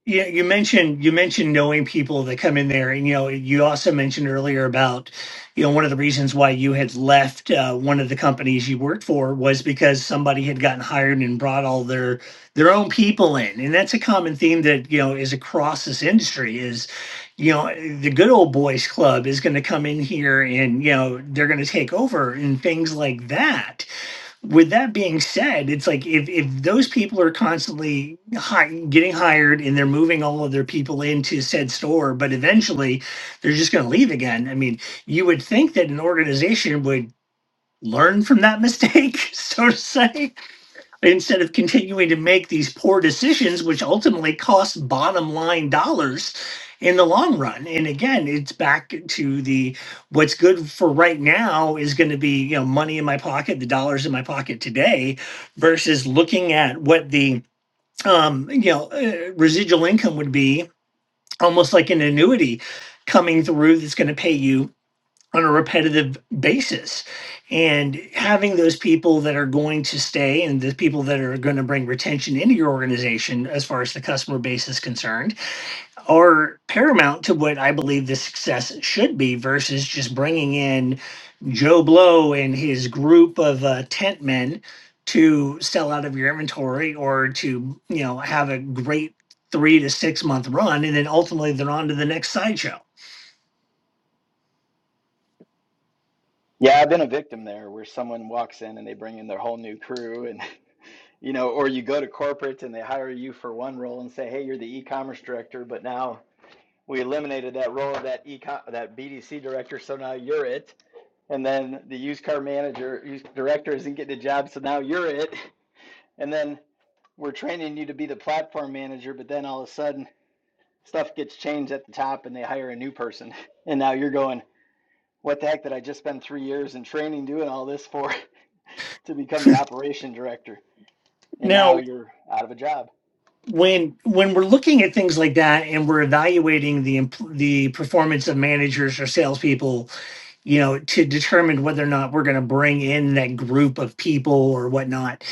Speaker 2: Yeah, you mentioned you mentioned knowing people that come in there, and you know you also mentioned earlier about you know one of the reasons why you had left uh, one of the companies you worked for was because somebody had gotten hired and brought all their their own people in, and that's a common theme that you know is across this industry is you know the good old boys club is going to come in here and you know they're going to take over and things like that with that being said, it's like if if those people are constantly hi- getting hired and they're moving all of their people into said store, but eventually they're just going to leave again. I mean, you would think that an organization would learn from that mistake, so to say instead of continuing to make these poor decisions, which ultimately cost bottom line dollars in the long run. And again, it's back to the what's good for right now is going to be, you know, money in my pocket, the dollars in my pocket today versus looking at what the um, you know, uh, residual income would be almost like an annuity coming through that's going to pay you on a repetitive basis and having those people that are going to stay and the people that are going to bring retention into your organization as far as the customer base is concerned are paramount to what i believe the success should be versus just bringing in joe blow and his group of uh, tent men to sell out of your inventory or to you know have a great three to six month run and then ultimately they're on to the next sideshow
Speaker 4: Yeah, I've been a victim there where someone walks in and they bring in their whole new crew and you know, or you go to corporate and they hire you for one role and say, "Hey, you're the e-commerce director," but now we eliminated that role of that econ that BDC director, so now you're it. And then the used car manager, used director isn't getting a job, so now you're it. And then we're training you to be the platform manager, but then all of a sudden stuff gets changed at the top and they hire a new person. And now you're going, what the heck did I just spend three years in training doing all this for to become the operation director? And now
Speaker 2: now
Speaker 4: you're out of a job.
Speaker 2: when when we're looking at things like that and we're evaluating the empl- the performance of managers or salespeople, you know, to determine whether or not we're going to bring in that group of people or whatnot,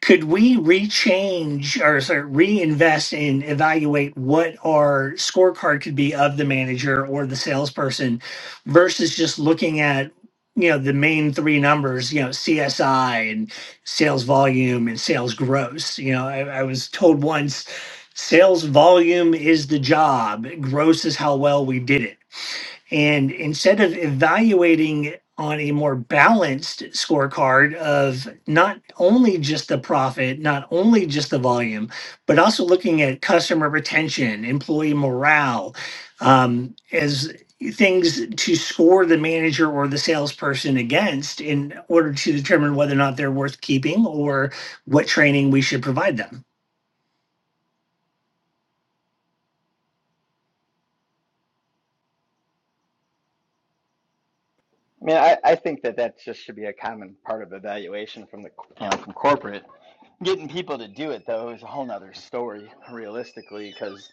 Speaker 2: could we rechange or sorry, reinvest and evaluate what our scorecard could be of the manager or the salesperson versus just looking at you know the main three numbers you know csi and sales volume and sales gross you know i, I was told once sales volume is the job gross is how well we did it and instead of evaluating on a more balanced scorecard of not only just the profit, not only just the volume, but also looking at customer retention, employee morale, um, as things to score the manager or the salesperson against in order to determine whether or not they're worth keeping or what training we should provide them.
Speaker 4: I mean, I, I think that that just should be a common part of evaluation from the you know from corporate. Getting people to do it though is a whole nother story, realistically, because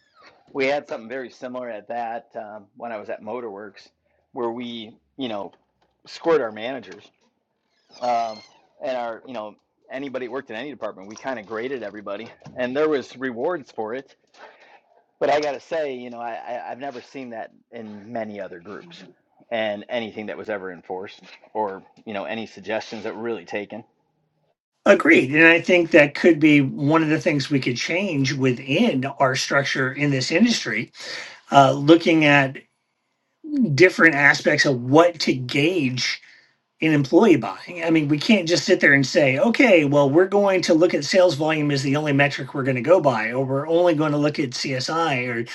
Speaker 4: we had something very similar at that um, when I was at Motorworks, where we you know scored our managers um, and our you know anybody worked in any department. We kind of graded everybody, and there was rewards for it. But I gotta say, you know, I, I I've never seen that in many other groups, and anything that was ever enforced, or you know, any suggestions that were really taken.
Speaker 2: Agreed. And I think that could be one of the things we could change within our structure in this industry uh, looking at different aspects of what to gauge in employee buying. I mean, we can't just sit there and say, okay, well, we're going to look at sales volume as the only metric we're going to go by, or we're only going to look at CSI, or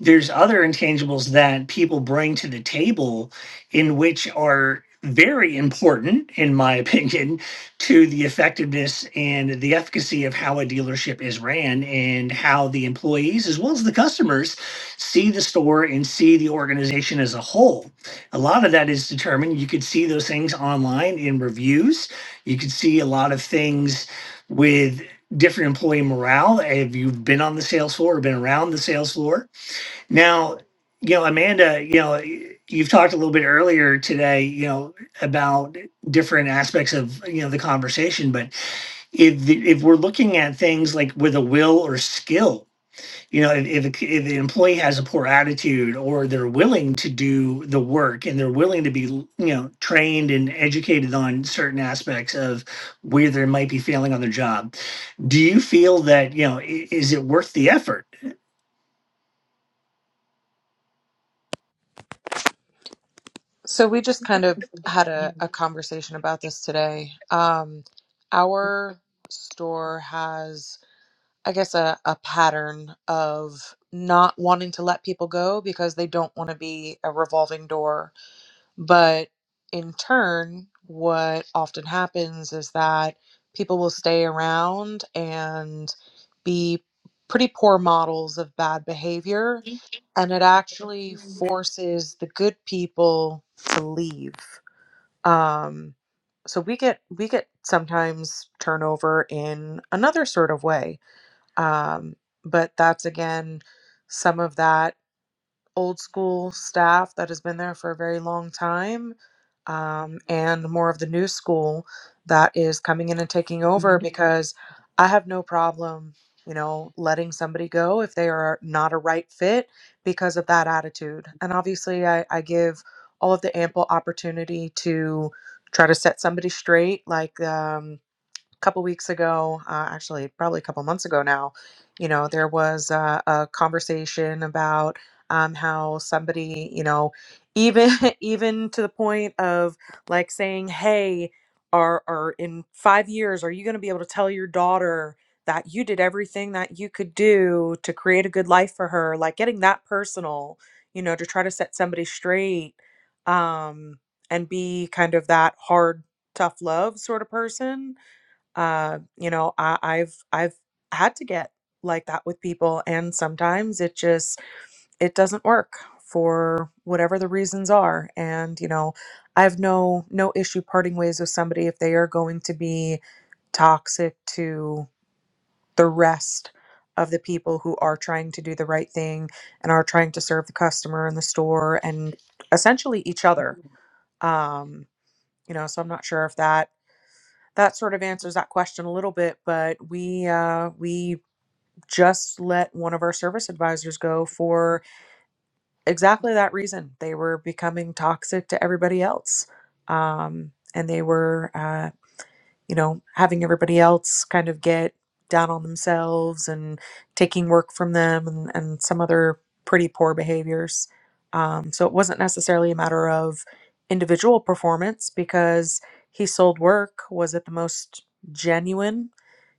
Speaker 2: there's other intangibles that people bring to the table in which are very important in my opinion to the effectiveness and the efficacy of how a dealership is ran and how the employees as well as the customers see the store and see the organization as a whole a lot of that is determined you could see those things online in reviews you could see a lot of things with different employee morale if you've been on the sales floor or been around the sales floor now, you know, Amanda, you know, you've talked a little bit earlier today, you know, about different aspects of you know the conversation, but if the, if we're looking at things like with a will or skill, you know, if if, a, if the employee has a poor attitude or they're willing to do the work and they're willing to be you know trained and educated on certain aspects of where they might be failing on their job, do you feel that you know i- is it worth the effort?
Speaker 8: So we just kind of had a, a conversation about this today. Um, our store has I guess a, a pattern of not wanting to let people go because they don't want to be a revolving door. But in turn, what often happens is that people will stay around and be pretty poor models of bad behavior. And it actually forces the good people to leave. Um, so we get we get sometimes turnover in another sort of way um, but that's again some of that old school staff that has been there for a very long time, um, and more of the new school that is coming in and taking over because I have no problem, you know, letting somebody go if they are not a right fit because of that attitude. And obviously, I, I give all of the ample opportunity to try to set somebody straight, like, um, couple weeks ago, uh, actually, probably a couple months ago now, you know, there was uh, a conversation about um, how somebody, you know, even even to the point of like saying, "Hey, are are in five years, are you going to be able to tell your daughter that you did everything that you could do to create a good life for her?" Like getting that personal, you know, to try to set somebody straight um, and be kind of that hard, tough love sort of person uh, you know, I, I've I've had to get like that with people, and sometimes it just it doesn't work for whatever the reasons are. And you know, I have no no issue parting ways with somebody if they are going to be toxic to the rest of the people who are trying to do the right thing and are trying to serve the customer in the store and essentially each other. Um, you know, so I'm not sure if that that sort of answers that question a little bit but we uh, we just let one of our service advisors go for exactly that reason they were becoming toxic to everybody else um, and they were uh, you know having everybody else kind of get down on themselves and taking work from them and, and some other pretty poor behaviors um, so it wasn't necessarily a matter of individual performance because he sold work was it the most genuine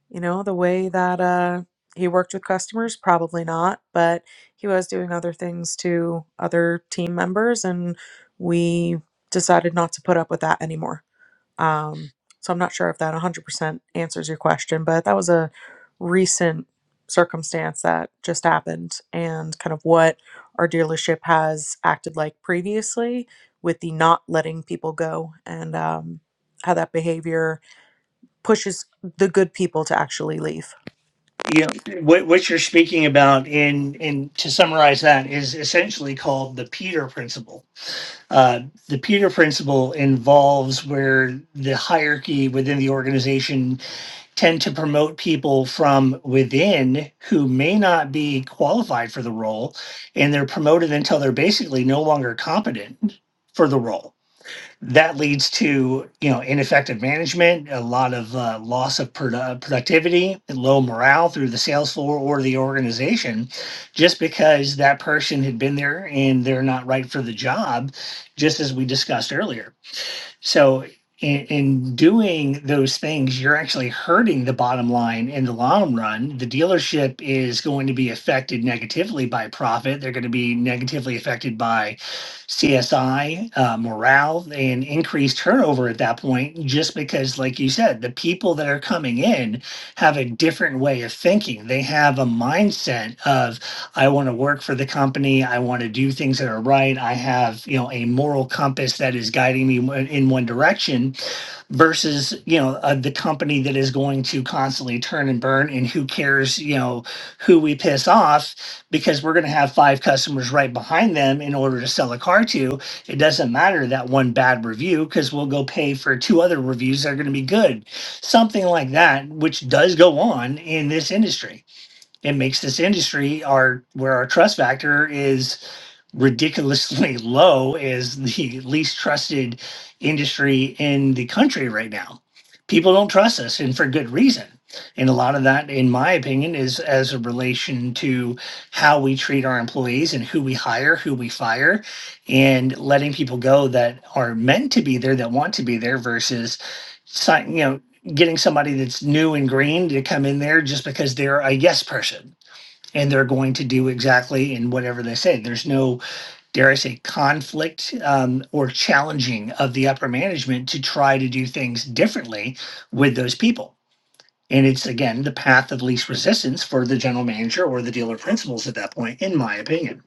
Speaker 8: you know, the way that uh, he worked with customers, probably not, but he was doing other things to other team members, and we decided not to put up with that anymore. Um, so I'm not sure if that 100% answers your question, but that was a recent circumstance that just happened and kind of what our dealership has acted like previously with the not letting people go and um, how that behavior pushes the good people to actually leave.
Speaker 2: you know what what you're speaking about in in to summarize that is essentially called the peter principle uh the peter principle involves where the hierarchy within the organization tend to promote people from within who may not be qualified for the role and they're promoted until they're basically no longer competent for the role that leads to you know ineffective management a lot of uh, loss of produ- productivity and low morale through the sales floor or the organization just because that person had been there and they're not right for the job just as we discussed earlier so in, in doing those things, you're actually hurting the bottom line in the long run. The dealership is going to be affected negatively by profit. They're going to be negatively affected by CSI, uh, morale, and increased turnover at that point, just because, like you said, the people that are coming in have a different way of thinking. They have a mindset of I want to work for the company. I want to do things that are right. I have, you know, a moral compass that is guiding me in one direction versus, you know, uh, the company that is going to constantly turn and burn and who cares, you know, who we piss off because we're going to have five customers right behind them in order to sell a car to. It doesn't matter that one bad review because we'll go pay for two other reviews that are going to be good. Something like that, which does go on in this industry it makes this industry our where our trust factor is ridiculously low is the least trusted industry in the country right now people don't trust us and for good reason and a lot of that in my opinion is as a relation to how we treat our employees and who we hire who we fire and letting people go that are meant to be there that want to be there versus sign you know getting somebody that's new and green to come in there just because they're a yes person and they're going to do exactly in whatever they say. There's no, dare I say, conflict um, or challenging of the upper management to try to do things differently with those people. And it's again the path of least resistance for the general manager or the dealer principals at that point, in my opinion.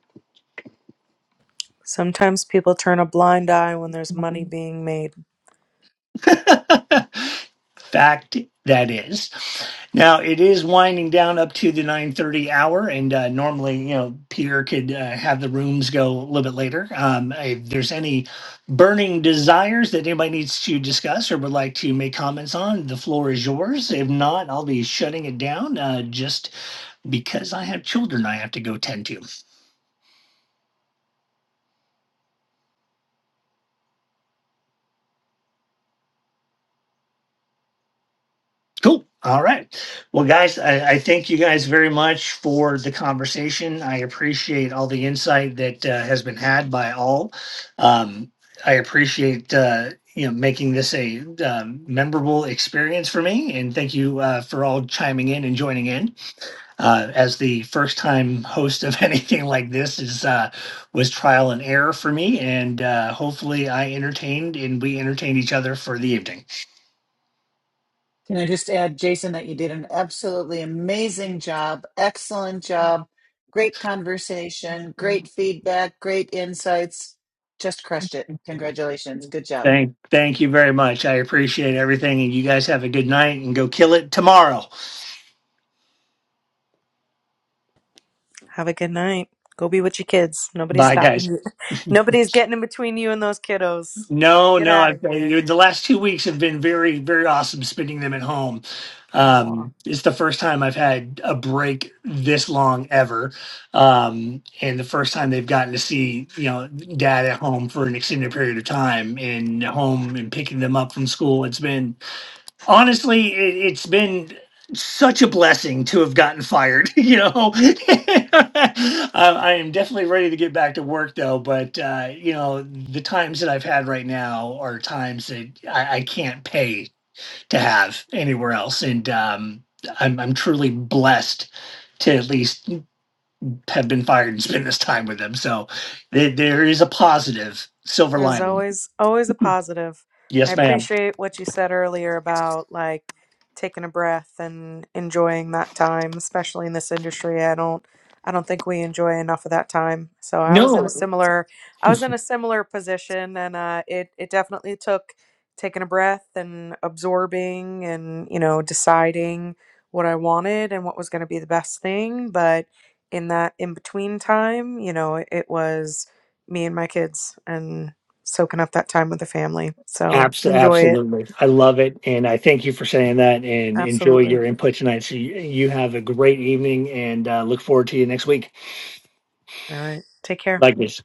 Speaker 8: Sometimes people turn a blind eye when there's money being made.
Speaker 2: fact that is now it is winding down up to the 9.30 hour and uh, normally you know peter could uh, have the rooms go a little bit later um, if there's any burning desires that anybody needs to discuss or would like to make comments on the floor is yours if not i'll be shutting it down uh, just because i have children i have to go tend to Cool. All right. Well, guys, I, I thank you guys very much for the conversation. I appreciate all the insight that uh, has been had by all. Um, I appreciate uh, you know making this a um, memorable experience for me, and thank you uh, for all chiming in and joining in. Uh, as the first time host of anything like this is uh, was trial and error for me, and uh, hopefully I entertained and we entertained each other for the evening.
Speaker 5: Can I just add, Jason, that you did an absolutely amazing job, excellent job, great conversation, great feedback, great insights. Just crushed it. Congratulations. Good job.
Speaker 2: Thank, thank you very much. I appreciate everything, and you guys have a good night and go kill it tomorrow.
Speaker 8: Have a good night. Go be with your kids. Nobody's
Speaker 2: Bye,
Speaker 8: stopping
Speaker 2: guys.
Speaker 8: you. Nobody's getting in between you and those kiddos.
Speaker 2: No,
Speaker 8: Get
Speaker 2: no, I,
Speaker 8: out of here.
Speaker 2: I, the last two weeks have been very, very awesome. Spending them at home.
Speaker 8: Aw.
Speaker 2: Um, it's the first time I've had a break this long ever, um, and the first time they've gotten to see you know dad at home for an extended period of time and home and picking them up from school. It's been honestly, it, it's been such a blessing to have gotten fired. You know, I, I am definitely ready to get back to work though. But uh, you know, the times that I've had right now are times that I, I can't pay to have anywhere else, and um, I'm, I'm truly blessed to at least have been fired and spend this time with them. So there, there is a positive silver
Speaker 8: There's
Speaker 2: lining.
Speaker 8: always always a positive. I
Speaker 2: Yes, ma'am.
Speaker 8: appreciate what you said earlier about like taking a breath and enjoying that time, especially in this industry. I don't I don't think we enjoy enough of that time. So I was in a similar I was in a similar position and uh it it definitely took taking a breath and absorbing and you know deciding what I wanted and what was going to be the best thing, but in that in between time, you know, it was me and my kids and soaking up that time with the family. So
Speaker 2: Abs-
Speaker 8: enjoy it.
Speaker 2: absolutely. I love it. And I thank you for saying that and enjoy
Speaker 8: Absolutely.
Speaker 2: your input tonight. So you, you have a great evening and uh, look forward to you next week.
Speaker 8: All right. Take care.
Speaker 2: Like this.